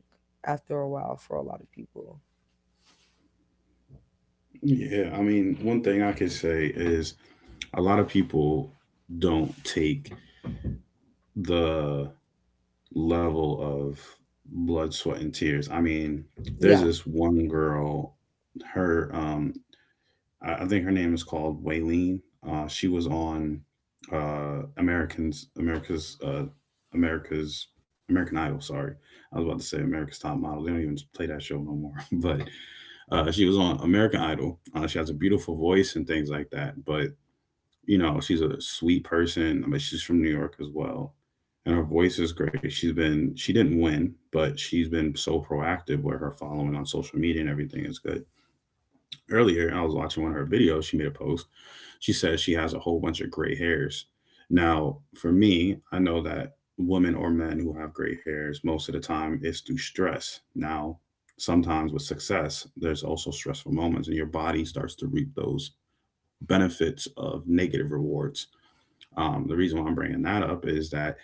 Speaker 2: after a while for a lot of people.
Speaker 1: Yeah, I mean, one thing I could say is a lot of people don't take the level of blood, sweat and tears. I mean, there's
Speaker 2: Yeah,
Speaker 1: this one girl, her I think her name is called Waylene. She was on uh, Americans, America's, uh, America's, American Idol. Sorry, I was about to say America's Top Model. They don't even play that show no more. But she was on American Idol. She has a beautiful voice and things like that. But you know, she's a sweet person. I mean, she's from New York as well, and her voice is great. She didn't win, but she's been so proactive where her following on social media and everything is good. Earlier, I was watching one of her videos. She made a post. She says she has a whole bunch of gray hairs. Now, for me, I know that women or men who have gray hairs most of the time is through stress. Now, sometimes with success, there's also stressful moments, and your body starts to reap those benefits of negative rewards. The reason why I'm bringing that up is that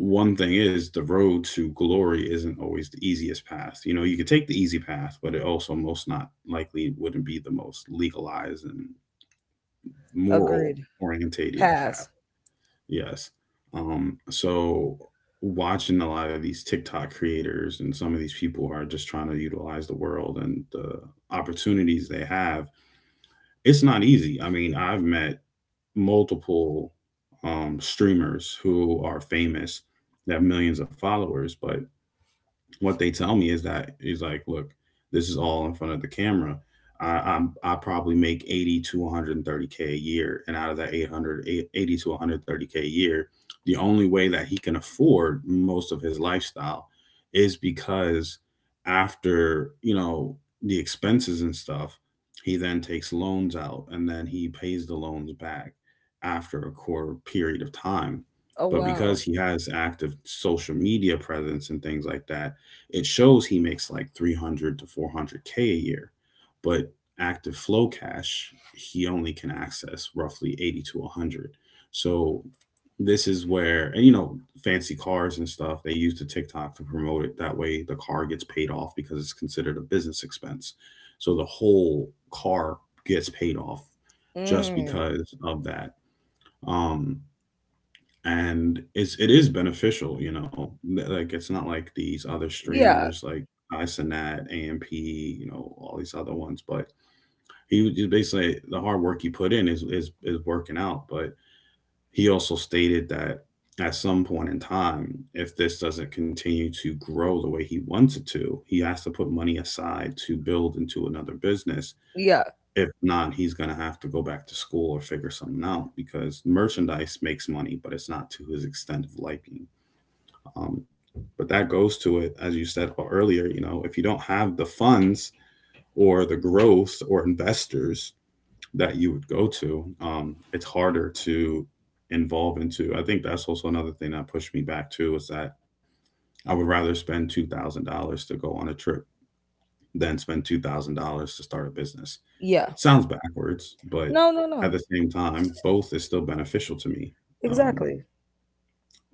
Speaker 1: one thing is the road to glory isn't always the easiest path. You know, you could take the easy path, but it also most not likely wouldn't be the most legalized and moral
Speaker 2: agreed.
Speaker 1: orientated path.
Speaker 2: Pass.
Speaker 1: Yes. So watching a lot of these TikTok creators and some of these people who are just trying to utilize the world and the opportunities they have, it's not easy. I mean, I've met multiple streamers who are famous, that have millions of followers, but what they tell me is that he's like, look, this is all in front of the camera. I probably make 80 to 130K a year, and out of that 880 to 130K a year, the only way that he can afford most of his lifestyle is because, after the expenses and stuff, he then takes loans out and then he pays the loans back after a core period of time.
Speaker 2: Oh
Speaker 1: But because
Speaker 2: wow.
Speaker 1: he has active social media presence and things like that, it shows he makes like 300 to 400K a year, but active flow cash, he only can access roughly 80 to 100. So this is where, and fancy cars and stuff, they use the tiktok to promote it. That way the car gets paid off because it's considered a business expense. So the whole car gets paid off just
Speaker 2: Mm,
Speaker 1: because of that. um and it is beneficial. Like, it's not like these other
Speaker 2: yeah,
Speaker 1: streamers like Isonet, AMP, all these other ones. But he was just basically, the hard work he put in is working out. But he also stated that at some point in time, if this doesn't continue to grow the way he wants it to, he has to put money aside to build into another business.
Speaker 2: yeah,
Speaker 1: If not, he's going to have to go back to school or figure something out, because merchandise makes money, but it's not to his extent of liking. Um, but that goes to it, as you said earlier, if you don't have the funds or the growth or investors that you would go to, it's harder to involve into. I think that's also another thing that pushed me back too, is that I would rather spend $2,000 to go on a trip than spend $2,000 to start a business.
Speaker 2: yeah.
Speaker 1: Sounds backwards, but
Speaker 2: No, no,
Speaker 1: at
Speaker 2: no.
Speaker 1: the same time, both is still beneficial to me. Um,
Speaker 2: Exactly.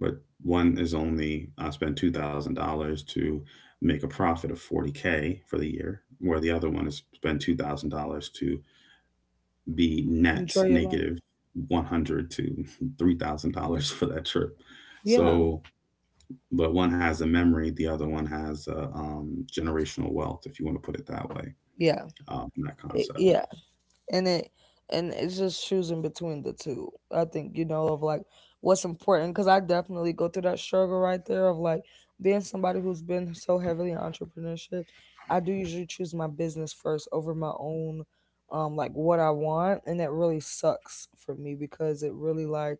Speaker 1: but one is only I spend $2,000 to make a profit of 40K for the year, where the other one is spend $2,000 to be net
Speaker 2: Enjoy your life.
Speaker 1: negative $100 to $3,000 for that trip.
Speaker 2: Yeah,
Speaker 1: So, but one has a memory, the other one has a generational wealth, if you want to put it that way.
Speaker 2: yeah,
Speaker 1: That concept.
Speaker 2: yeah. And it and it's just choosing between the two I think, you know, of like what's important, because I definitely go through that struggle right there of like being somebody who's been so heavily in entrepreneurship I do usually choose my business first over my own, like what I want, and that really sucks for me because it really like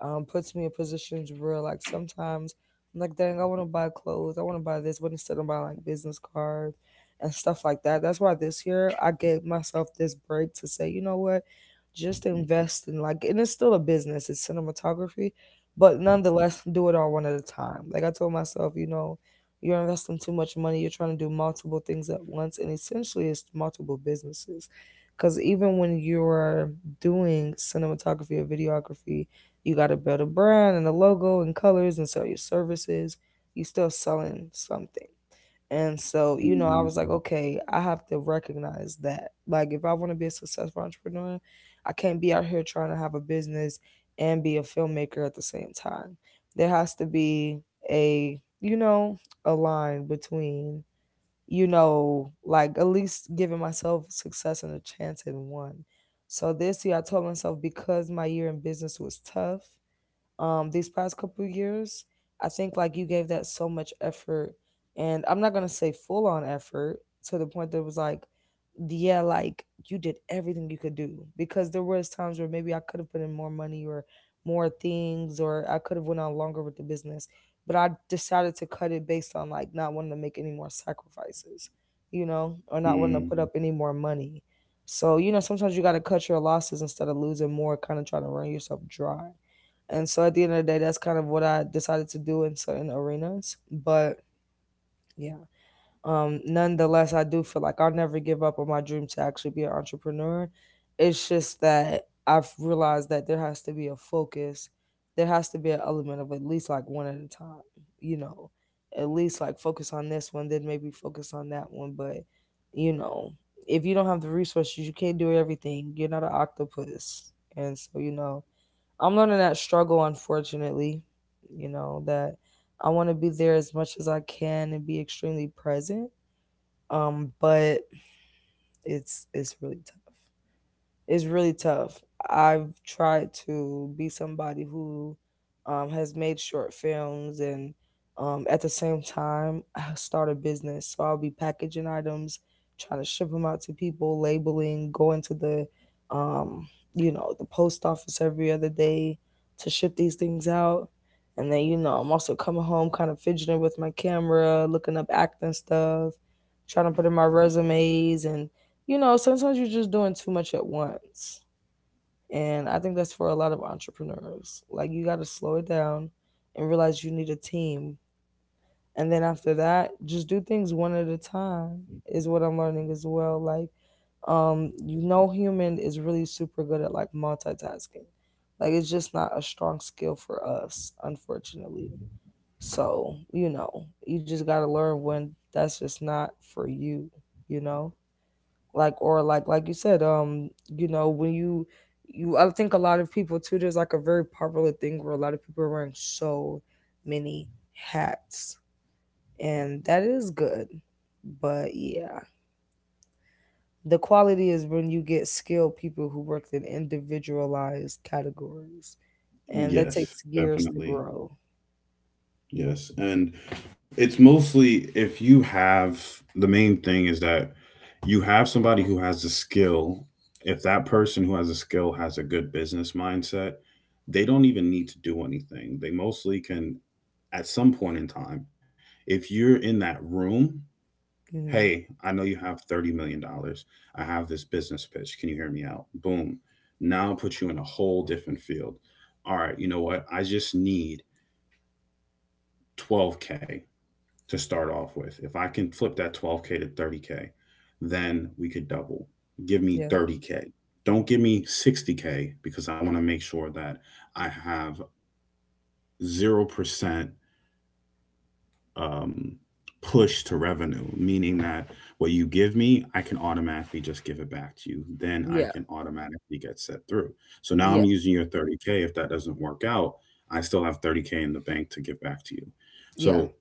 Speaker 2: puts me in positions where like sometimes I'm like dang I want to buy clothes I want to buy this but instead I'm buying like business cards and stuff like that. That's why this year I gave myself this break to say, you know what, just invest in like, and it's still a business, it's cinematography, but nonetheless, do it all one at a time. Like I told myself, you know, you're investing too much money, you're trying to do multiple things at once, and essentially it's multiple businesses. Because even when you're doing cinematography or videography, you got to build a brand and a logo and colors and sell your services. You are still selling something. And so, you know, I
Speaker 1: Mhm.
Speaker 2: was like, okay, I have to recognize that. Like, if I want to be a successful entrepreneur, I can't be out here trying to have a business and be a filmmaker at the same time. There has to be a, you know, a line between, you know, like at least giving myself success and a chance in one. So this year, I told myself because my year in business was tough, these past couple years, I think like you gave that so much effort, and I'm not gonna say full on effort to the point that it was like yeah like you did everything you could do, because there was times where maybe I could have put in more money or more things or I could have went on longer with the business, but I decided to cut it based on like not wanting to make any more sacrifices, you know, or not wanting to put
Speaker 1: Mm.
Speaker 2: Mhm. Up any more money. So, you know, sometimes you got to cut your losses instead of losing more, kind of trying to run yourself dry. And so at the end of the day, that's kind of what I decided to do in certain arenas. But yeah, nonetheless, I do feel like I'll never give up on my dream to actually be an entrepreneur. It's just that I've realized that there has to be a focus. There has to be an element of at least like one at a time, you know, at least like focus on this one, then maybe focus on that one. But, you know, if you don't have the resources, you can't do everything. You're not an octopus. And so, you know, I'm learning that struggle, unfortunately, you know, that I want to be there as much as I can and be extremely present. But it's really tough. It's really tough. I've tried to be somebody who has made short films and at the same time start a business. So I'll be packaging items, trying to ship them out to people, labeling, going to the um, you know the post office every other day to ship these things out. And then you know I'm also coming home, kind of fidgeting with my camera, looking up acting stuff, trying to put in my resumes and you know, sometimes you're just doing too much at once. And I think that's for a lot of entrepreneurs. Like, you got to slow it down and realize you need a team. And then after that, just do things one at a time, is what I'm learning as well. Like, you know, human is really super good at like multitasking. Like, it's just not a strong skill for us, unfortunately. So, you know, you just got to learn when that's just not for you, you know? Like or like you said, you know, when you I think a lot of people too, there's like a very popular thing where a lot of people are wearing so many hats. And that is good, but yeah, the quality is when you get skilled people who work in individualized categories, and that
Speaker 1: Yes,
Speaker 2: takes years to
Speaker 1: definitely.
Speaker 2: grow.
Speaker 1: Yes, and it's mostly, if you have, the main thing is that you have somebody who has a skill. If that person who has a skill has a good business mindset, they don't even need to do anything. They mostly can, at some point in time, if you're in that room,
Speaker 2: Hmm.
Speaker 1: hey, I know you have $30 million dollars. I have this business pitch. Can you hear me out? Boom. Now I'll put you in a whole different field. All right, you know what? I just need 12K to start off with. If I can flip that 12K to 30K, then we could double. Give me
Speaker 2: Yeah,
Speaker 1: 30K. Don't give me 60K, because I want to make sure that I have 0% um, push to revenue, meaning that what you give me, I can automatically just give it back to you. Then I
Speaker 2: yeah,
Speaker 1: can automatically get set through. So now I'm
Speaker 2: yeah,
Speaker 1: using your 30K. If that doesn't work out, I still have 30K in the bank to give back to you.
Speaker 2: yeah.
Speaker 1: So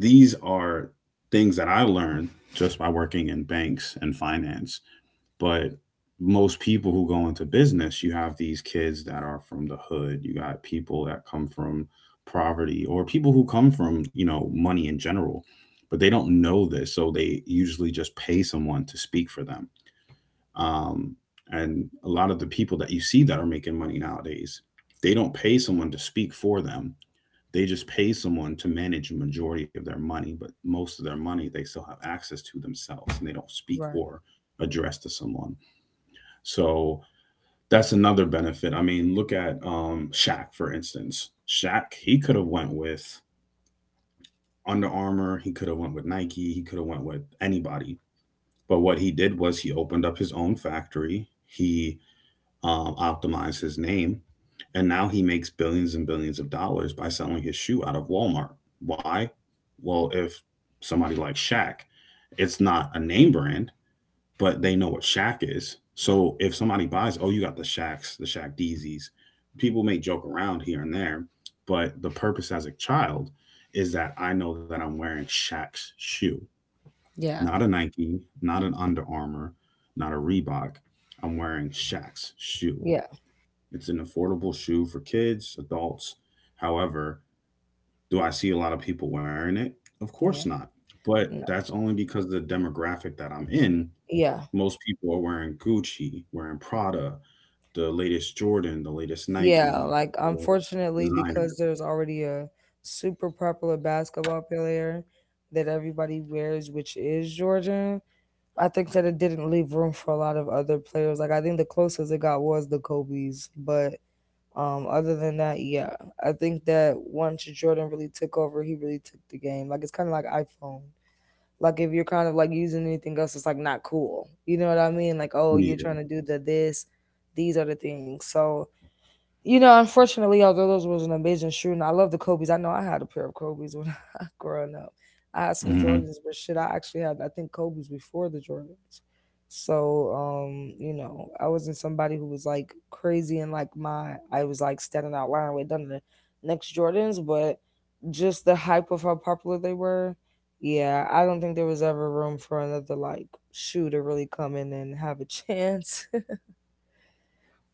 Speaker 1: these are things that I learned just by working in banks and finance. But most people who go into business, you have these kids that are from the hood. You got people that come from poverty, or people who come from, money in general, but they don't know this. So they usually just pay someone to speak for them. Um, and a lot of the people that you see that are making money nowadays, they don't pay someone to speak for them, they just pay someone to manage a majority of their money, but most of their money they still have access to themselves, and they don't speak
Speaker 2: Right.
Speaker 1: or address to someone. So that's another benefit. I mean, look at Shaq, for instance. Shaq, he could have went with Under Armour, he could have went with Nike, he could have went with anybody. But what he did was he opened up his own factory. He optimize his name. And now he makes billions and billions of dollars by selling his shoe out of Walmart. Why? Well, if somebody like Shaq, it's not a name brand, but they know what Shaq is. So if somebody buys, oh, you got the Shaqs, the Shaq Deezies, people may joke around here and there, but the purpose as a child is that I know that I'm wearing Shaq's shoe,
Speaker 2: Yeah,
Speaker 1: not a Nike, not an Under Armour, not a Reebok. I'm wearing Shaq's shoe.
Speaker 2: yeah,
Speaker 1: It's an affordable shoe for kids, adults. However, do I see a lot of people wearing it? Of
Speaker 2: yeah.
Speaker 1: course not. But
Speaker 2: No.
Speaker 1: that's only because of the demographic that I'm in.
Speaker 2: Yeah.
Speaker 1: Most people are wearing Gucci, wearing Prada, the latest Jordan, the latest
Speaker 2: Yeah,
Speaker 1: Nike,
Speaker 2: like
Speaker 1: the
Speaker 2: unfortunately, because
Speaker 1: designers.
Speaker 2: there's already a super popular basketball player that everybody wears, which is Jordan, I think that it didn't leave room for a lot of other players. Like I think the closest it got was the Kobe's, but other than that, yeah. I think that once Jordan really took over, he really took the game. Like it's kind of like iPhone. Like if you're kind of like using anything else, it's like not cool. You know what I mean? Like, oh, you're
Speaker 1: Yeah.
Speaker 2: trying to do the this, these are the things. So you know, unfortunately, although those was an amazing shoe, and I love the Kobe's. I know I had a pair of Kobe's when I growing up. I had some
Speaker 1: Hmm.
Speaker 2: Jordans, but shit, I actually had I think Kobe's before the Jordans. So, you know, I wasn't somebody who was like crazy and like my I was like standing out line with none of the next Jordans, but just the hype of how popular they were. Yeah, I don't think there was ever room for another like shoe to really come in and have a chance.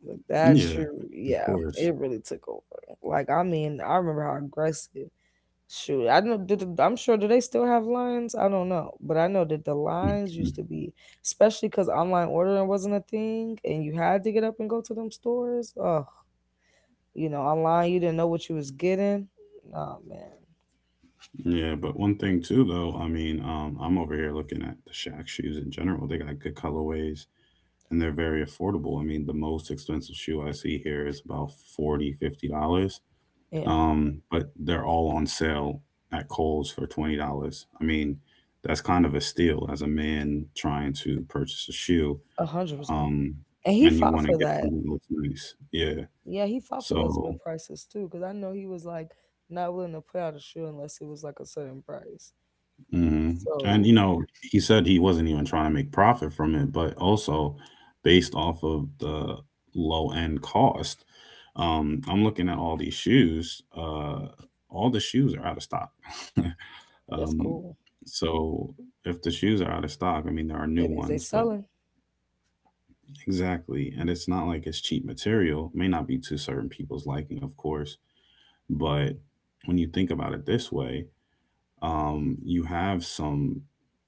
Speaker 2: Like that
Speaker 1: Yeah,
Speaker 2: shoot,
Speaker 1: of
Speaker 2: yeah,
Speaker 1: course.
Speaker 2: it really took over. Like I mean, I remember how aggressive. Shoot, I know. Did, I'm sure. Do they still have lines? I don't know, but I know that the lines
Speaker 1: Mhm.
Speaker 2: used to be, especially because online ordering wasn't a thing, and you had to get up and go to them stores. Oh, you know, online you didn't know what you was getting. Oh man,
Speaker 1: Yeah, but one thing too, though, I mean, I'm over here looking at the Shaq shoes in general. They got good colorways, and they're very affordable. I mean, the most expensive shoe I see here is about 40, $50,
Speaker 2: yeah,
Speaker 1: but they're all on sale at Kohl's for $20. I mean, that's kind of a steal as a man trying to purchase a shoe,
Speaker 2: 100%.
Speaker 1: um,
Speaker 2: And he
Speaker 1: and you
Speaker 2: fought
Speaker 1: want to
Speaker 2: for
Speaker 1: get
Speaker 2: that.
Speaker 1: something that looks nice. Yeah,
Speaker 2: Yeah, he fought for those
Speaker 1: so.
Speaker 2: good prices too, because I know he was like not willing to put out a shoe unless it was like a certain price.
Speaker 1: hmm And
Speaker 2: So
Speaker 1: you know, he said he wasn't even trying to make profit from it, but also based off of the low end cost. I'm looking at all these shoes. All the shoes are out of stock.
Speaker 2: that's
Speaker 1: um,
Speaker 2: cool.
Speaker 1: so, if the shoes are out of stock, I mean there are new
Speaker 2: That means they
Speaker 1: ones, but
Speaker 2: selling.
Speaker 1: exactly. And it's not like it's cheap material. May not be to certain people's liking, of course, but when you think about it this way, you have some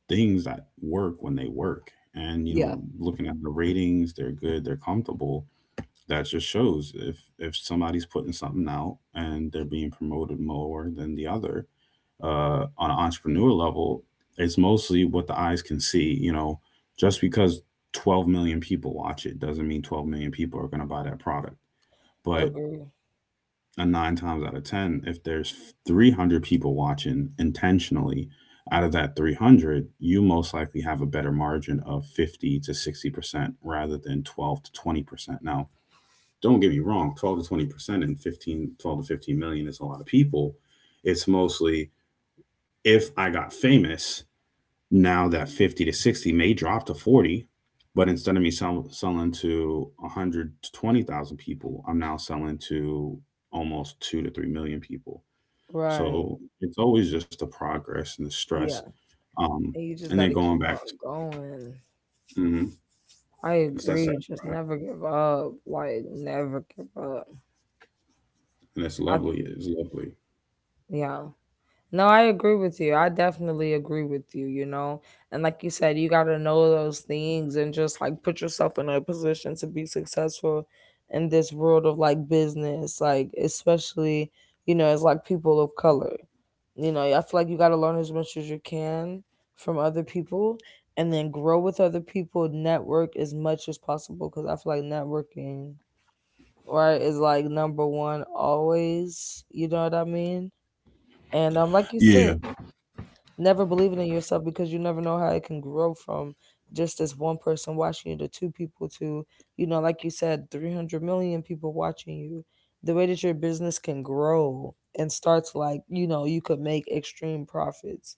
Speaker 1: things that work when they work. And you know,
Speaker 2: Yeah,
Speaker 1: looking at the ratings, they're good, they're comfortable. That just shows, if somebody's putting something out and they're being promoted more than the other, on an entrepreneur level, it's mostly what the eyes can see. You know, just because 12 million people watch it doesn't mean 12 million people are going to buy that product. But
Speaker 2: agree.
Speaker 1: And nine times out of ten, if there's 300 people watching intentionally, out of that 300, you most likely have a better margin of 50 to 60% rather than 12 to 20%. Now, don't get me wrong, 12 to 20% and 12 to 15 million is a lot of people. It's mostly, if I got famous, now that 50 to 60 may drop to 40, but instead of me selling to 100 to 20,000 people, I'm now selling to almost 2 to 3 million people.
Speaker 2: Right.
Speaker 1: So it's always just the progress and the stress.
Speaker 2: Yeah.
Speaker 1: Um,
Speaker 2: And you
Speaker 1: and
Speaker 2: just
Speaker 1: then
Speaker 2: got to
Speaker 1: going
Speaker 2: keep
Speaker 1: back
Speaker 2: on
Speaker 1: to,
Speaker 2: going.
Speaker 1: mm-hmm,
Speaker 2: I
Speaker 1: it's that side
Speaker 2: agree. Just
Speaker 1: product,
Speaker 2: never give up. Like never give up.
Speaker 1: and it's
Speaker 2: I
Speaker 1: lovely. It's lovely.
Speaker 2: yeah. No, I agree with you. I definitely agree with you, you know. And like you said, you got to know those things and just like put yourself in a position to be successful in this world of like business, like especially, you know, as like people of color. You know, I feel like you got to learn as much as you can from other people and then grow with other people, network as much as possible because I feel like networking, right, is like number one always. You know what I mean? And like you
Speaker 1: Yeah.
Speaker 2: said, never believing in yourself, because you never know how it can grow from just this one person watching you to two people to, you know, like you said, 300 million people watching you, the way that your business can grow and start to, like, you know, you could make extreme profits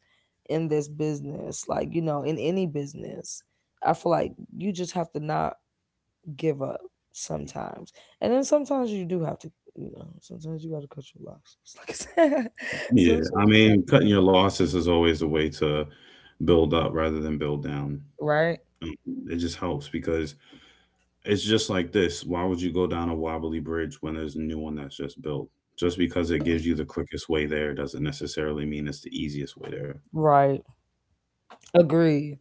Speaker 2: in this business, like, you know, in any business. I feel like you just have to not give up sometimes. And then sometimes you do have to, you know, sometimes you got to cut your losses like I said.
Speaker 1: Yeah.
Speaker 2: Sometimes
Speaker 1: I
Speaker 2: you got
Speaker 1: mean,
Speaker 2: to,
Speaker 1: cutting your losses is always a way to build up rather than build down.
Speaker 2: right,
Speaker 1: Um, It just helps because it's just like this. Why would you go down a wobbly bridge when there's a new one that's just built? Just because it gives you the quickest way there doesn't necessarily mean it's the easiest way there.
Speaker 2: right. Agree.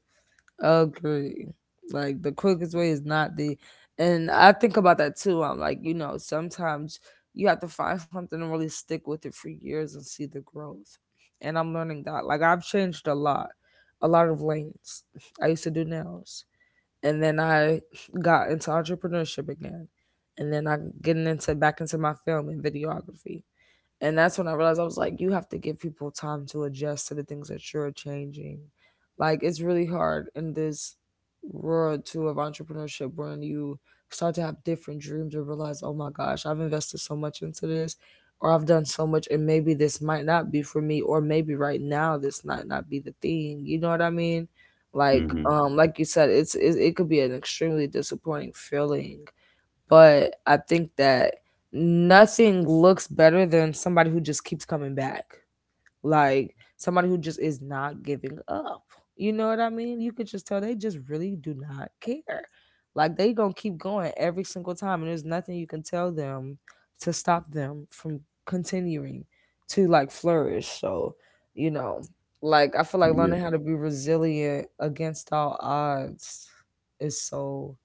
Speaker 2: Agree. Like the quickest way is not the, and I think about that too. I'm like, you know, sometimes you have to find something and really stick with it for years and see the growth. And I'm learning that. Like I've changed a lot. A lot of lanes. I used to do nails. And then I got into entrepreneurship again. And then I'm getting into back into my film and videography. And that's when I realized I was like, you have to give people time to adjust to the things that you're changing. Like, it's really hard in this world too of entrepreneurship when you start to have different dreams or realize, oh my gosh, I've invested so much into this or I've done so much and maybe this might not be for me or maybe right now this might not be the thing. You know what I mean?
Speaker 1: Hmm.
Speaker 2: Like you said, it could be an extremely disappointing feeling, but I think that nothing looks better than somebody who just keeps coming back. Like somebody who just is not giving up. You know what I mean? You could just tell they just really do not care. Like they gonna keep going every single time, and there's nothing you can tell them to stop them from continuing to like flourish. So, you know, like I feel like
Speaker 1: Yeah.
Speaker 2: learning how to be resilient against all odds is so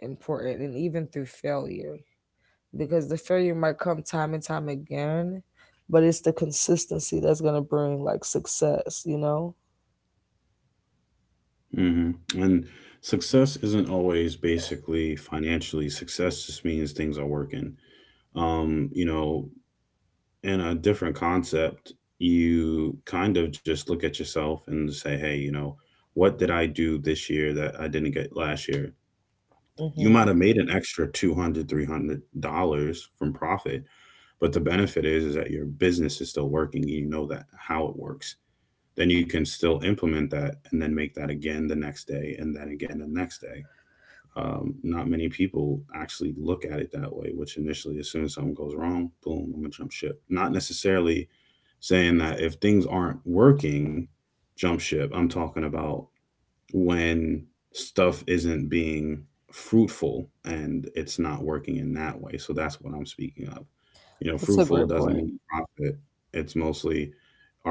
Speaker 2: important, and even through failure, because the failure might come time and time again, but it's the consistency that's going to bring like success, you know.
Speaker 1: Hmm. And success isn't always basically financially. Success just means things are working. You know, in a different concept, you kind of just look at yourself and say, hey, what did I do this year that I didn't get last year? You might
Speaker 2: Hmm.
Speaker 1: have made an extra 200 $300 $300 from profit, but the benefit is that your business is still working. You know that how it works, then you can still implement that and then make that again the next day, and then again the next day. Not many people actually look at it that way, which initially, as soon as something goes wrong, boom, I'm gonna jump ship. Not necessarily saying that if things aren't working, jump ship. I'm talking about when stuff isn't being fruitful and it's not working in that way. So that's what I'm speaking of. You know,
Speaker 2: That's a
Speaker 1: fruitful
Speaker 2: great point.
Speaker 1: doesn't mean profit. It's mostly,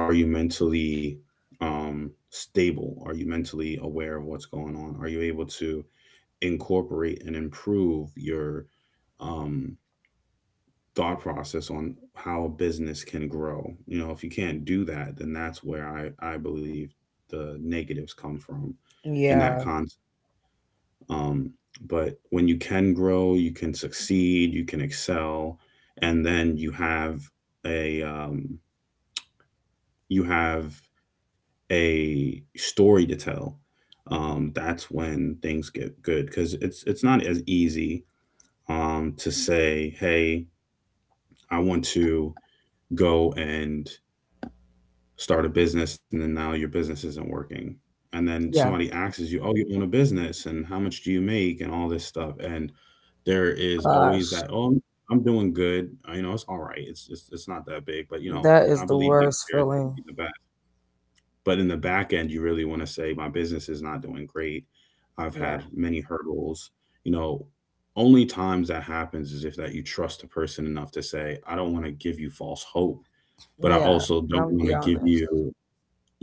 Speaker 1: are you mentally stable? Are you mentally aware of what's going on? Are you able to incorporate and improve your um, thought process on how a business can grow? You know, if you can't do that, then that's where I believe the negatives come from in that
Speaker 2: Yeah.
Speaker 1: concept. Um, but when you can grow, you can succeed, you can excel, and then you have a um, you have a story to tell. That's when things get good because it's not as easy to say, "Hey, I want to go and start a business and then now your business isn't working and then
Speaker 2: Yeah.
Speaker 1: somebody asks you, oh, you own a business and how much do you make and all this stuff?" And there is always
Speaker 2: Gosh.
Speaker 1: that, oh, I'm doing good. You know, it's all right, it's not that big, but you know,
Speaker 2: That is
Speaker 1: I
Speaker 2: the
Speaker 1: believe next
Speaker 2: worst
Speaker 1: year it's going
Speaker 2: feeling.
Speaker 1: to be the best. But in the back end you really want to say my business is not doing great. I've
Speaker 2: Yeah.
Speaker 1: had many hurdles, you know. Only times that happens is if that you trust a person enough to say, I don't want to give you false hope, but I
Speaker 2: Yeah.
Speaker 1: also
Speaker 2: And
Speaker 1: don't
Speaker 2: I'm gonna
Speaker 1: want
Speaker 2: be
Speaker 1: to give
Speaker 2: honest.
Speaker 1: you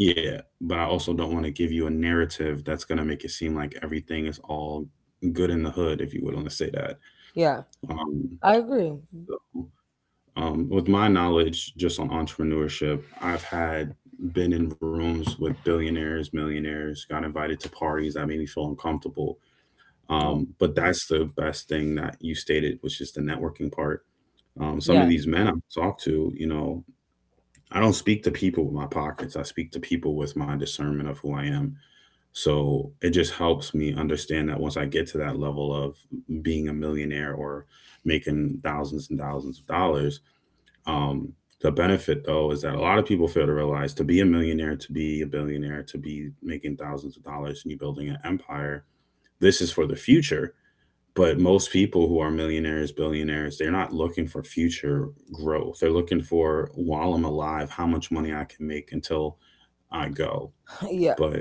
Speaker 1: yeah, but I also don't want to give you a narrative that's going to make it seem like everything is all good in the hood, if you would want to say that.
Speaker 2: Yeah,
Speaker 1: Um,
Speaker 2: I agree.
Speaker 1: with my knowledge just on entrepreneurship, I've had been in rooms with billionaires, millionaires, got invited to parties that made me feel uncomfortable.
Speaker 2: Oh,
Speaker 1: But that's the best thing that you stated, which is the networking part. Some of
Speaker 2: yeah,
Speaker 1: these men I've talked to, you know, I don't speak to people with my pockets. I speak to people with my discernment of who I am. So it just helps me understand that once I get to that level of being a millionaire or making thousands and thousands of dollars, um, the benefit though is that a lot of people fail to realize, to be a millionaire, to be a billionaire, to be making thousands of dollars and you building an empire, this is for the future. But most people who are millionaires, billionaires, they're not looking for future growth. They're looking for, while I'm alive, how much money I can make until I go.
Speaker 2: yeah,
Speaker 1: But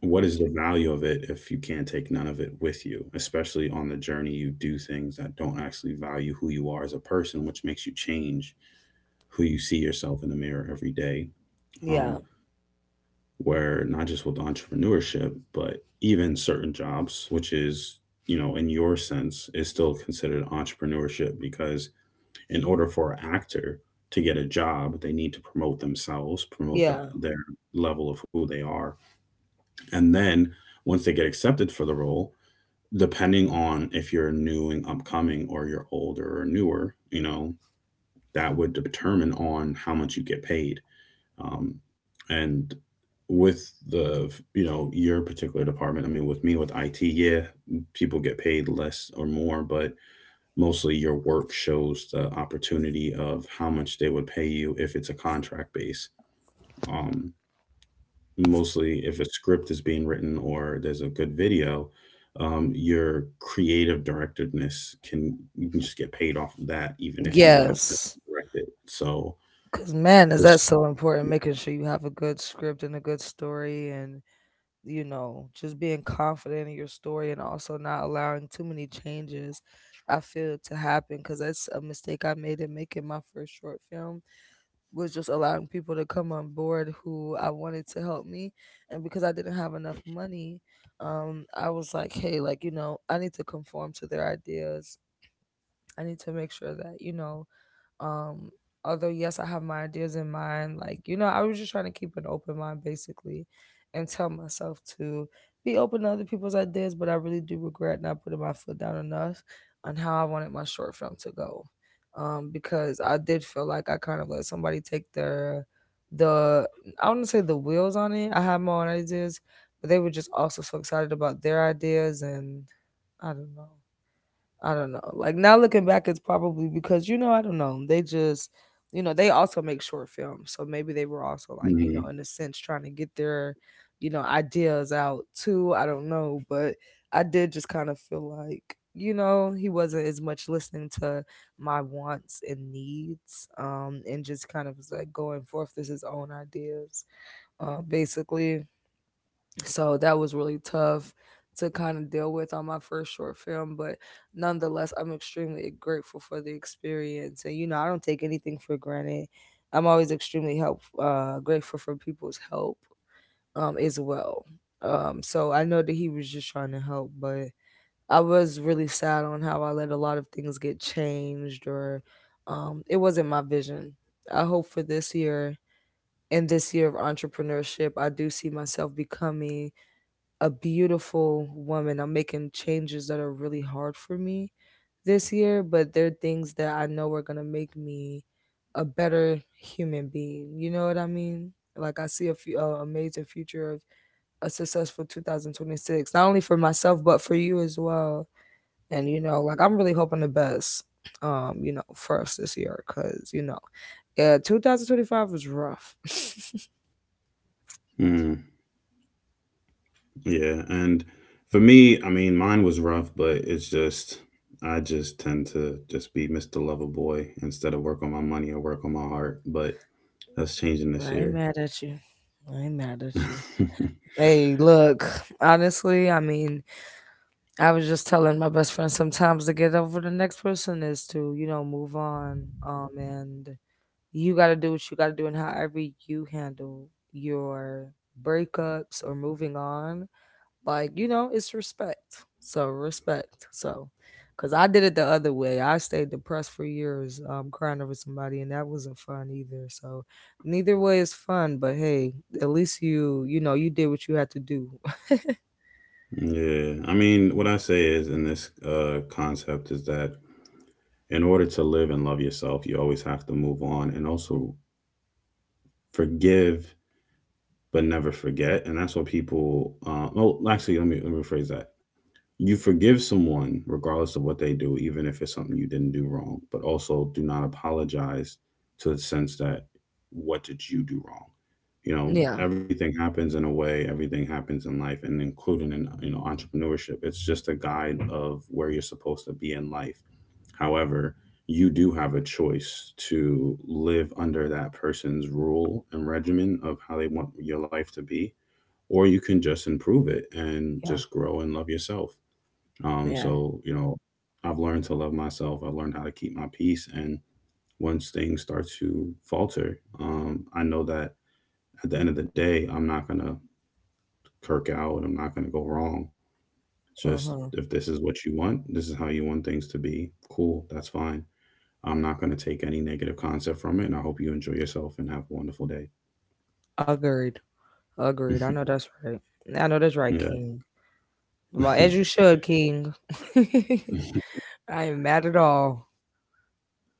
Speaker 1: what is the value of it if you can't take none of it with you? Especially on the journey, you do things that don't actually value who you are as a person, which makes you change who you see yourself in the mirror every day. um,
Speaker 2: yeah,
Speaker 1: where not just with entrepreneurship, but even certain jobs, which is, you know, in your sense, is still considered entrepreneurship. Because in order for an actor to get a job, they need to promote themselves, promote their,
Speaker 2: yeah.
Speaker 1: their level of who they are. And then once they get accepted for the role, depending on if you're new and upcoming or you're older or newer, you know, that would determine on how much you get paid. Um, and with the, you know, your particular department, I mean, with me with IT, yeah, people get paid less or more, but mostly your work shows the opportunity of how much they would pay you if it's a contract base. Um, Mostly, if a script is being written or there's a good video, your creative directedness, can you, can just get paid off of that, even if you want to film
Speaker 2: Yes.
Speaker 1: and direct it. So
Speaker 2: Because, man, is
Speaker 1: it's.
Speaker 2: that so important? Making sure you have a good script and a good story, and, you know, just being confident in your story and also not allowing too many changes, I feel, to happen. Because that's a mistake I made in making my first short film. Was just allowing people to come on board who I wanted to help me. And because I didn't have enough money, I was like, hey, like, you know, I need to conform to their ideas. I need to make sure that, you know, um, although yes, I have my ideas in mind, like, you know, I was just trying to keep an open mind basically and tell myself to be open to other people's ideas, but I really do regret not putting my foot down enough on how I wanted my short film to go. Because I did feel like I kind of let somebody take their the I wouldn't say the wheels on it. I had my own ideas, but they were just also so excited about their ideas, and I don't know. I don't know. Like now looking back, it's probably because you know I don't know. They just you know they also make short films, so maybe they were also like you
Speaker 1: Mhm,
Speaker 2: know in a sense trying to get their you know ideas out too. I don't know, but I did just kind of feel like you know he wasn't as much listening to my wants and needs, and just kind of was like going forth with his own ideas, basically. So that was really tough to kind of deal with on my first short film, but nonetheless I'm extremely grateful for the experience, and you know I don't take anything for granted. I'm always extremely help grateful for people's help as well. So I know that he was just trying to help, but I was really sad on how I let a lot of things get changed or it wasn't my vision. I hope for this year, in this year of entrepreneurship, I do see myself becoming a beautiful woman. I'm making changes that are really hard for me this year, but they're things that I know are gonna make me a better human being. You know what I mean? Like I see a few amazing future of a successful 2026, not only for myself but for you as well. And you know, like, I'm really hoping the best, you know, for us this year, because you know, yeah, 2025 was rough.
Speaker 1: mhm. Yeah, and for me, I mean, mine was rough, but it's just, I just tend to just be Mr. Lover Boy instead of work on my money or work on my heart. But that's changing this
Speaker 2: I ain't
Speaker 1: year.
Speaker 2: mad at you. I ain't mad at you. Hey look, honestly, I mean, I was just telling my best friend sometimes to get over the next person is to, you know, move on. And you got to do what you got to do, and however you handle your breakups or moving on, like, you know, it's respect. So, respect. So, because I did it the other way. I stayed depressed for years, crying over somebody, and that wasn't fun either. So, neither way is fun, but hey, at least you, you know, you did what you had to do.
Speaker 1: Yeah, I mean, what I say is in this concept is that in order to live and love yourself, you always have to move on and also forgive but never forget. And that's what people. Let me rephrase that. You forgive someone regardless of what they do, even if it's something you didn't do wrong, but also do not apologize to the sense that, what did you do wrong? You know,
Speaker 2: Yeah.
Speaker 1: everything happens in a way, everything happens in life, and including in, you know, entrepreneurship, it's just a guide of where you're supposed to be in life. However, you do have a choice to live under that person's rule and regimen of how they want your life to be, or you can just improve it and
Speaker 2: Yeah.
Speaker 1: just grow and love yourself.
Speaker 2: Yeah.
Speaker 1: So you know, I've learned to love myself. I've learned how to keep my peace, and once things start to falter, I know that at the end of the day, I'm not gonna kirk out. I'm not gonna go wrong.
Speaker 2: Uh
Speaker 1: Just
Speaker 2: huh.
Speaker 1: if this is what you want, this is how you want things to be. Cool, that's fine. I'm not gonna take any negative concept from it, and I hope you enjoy yourself and have a wonderful day.
Speaker 2: Agreed. Agreed. I know that's right. I know that's right, King. Well,
Speaker 1: Yeah.
Speaker 2: as you should, King. I ain't mad at all.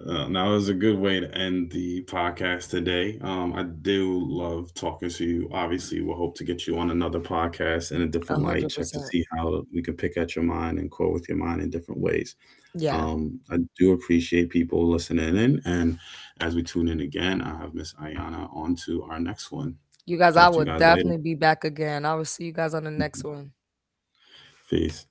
Speaker 1: Now is a good way to end the podcast today. I do love talking to you. Obviously, we'll hope to get you on another podcast in a
Speaker 2: A
Speaker 1: different
Speaker 2: hundred
Speaker 1: light. Check to
Speaker 2: percent.
Speaker 1: see how we could pick at your mind and quote with your mind in different ways.
Speaker 2: Yeah.
Speaker 1: I do appreciate people listening in, and as we tune in again, I have Miss Ayana on to our next one.
Speaker 2: You guys, I
Speaker 1: Talk to you
Speaker 2: will
Speaker 1: guys later.
Speaker 2: definitely be back again. I will see you guys on the next one.
Speaker 1: Peace.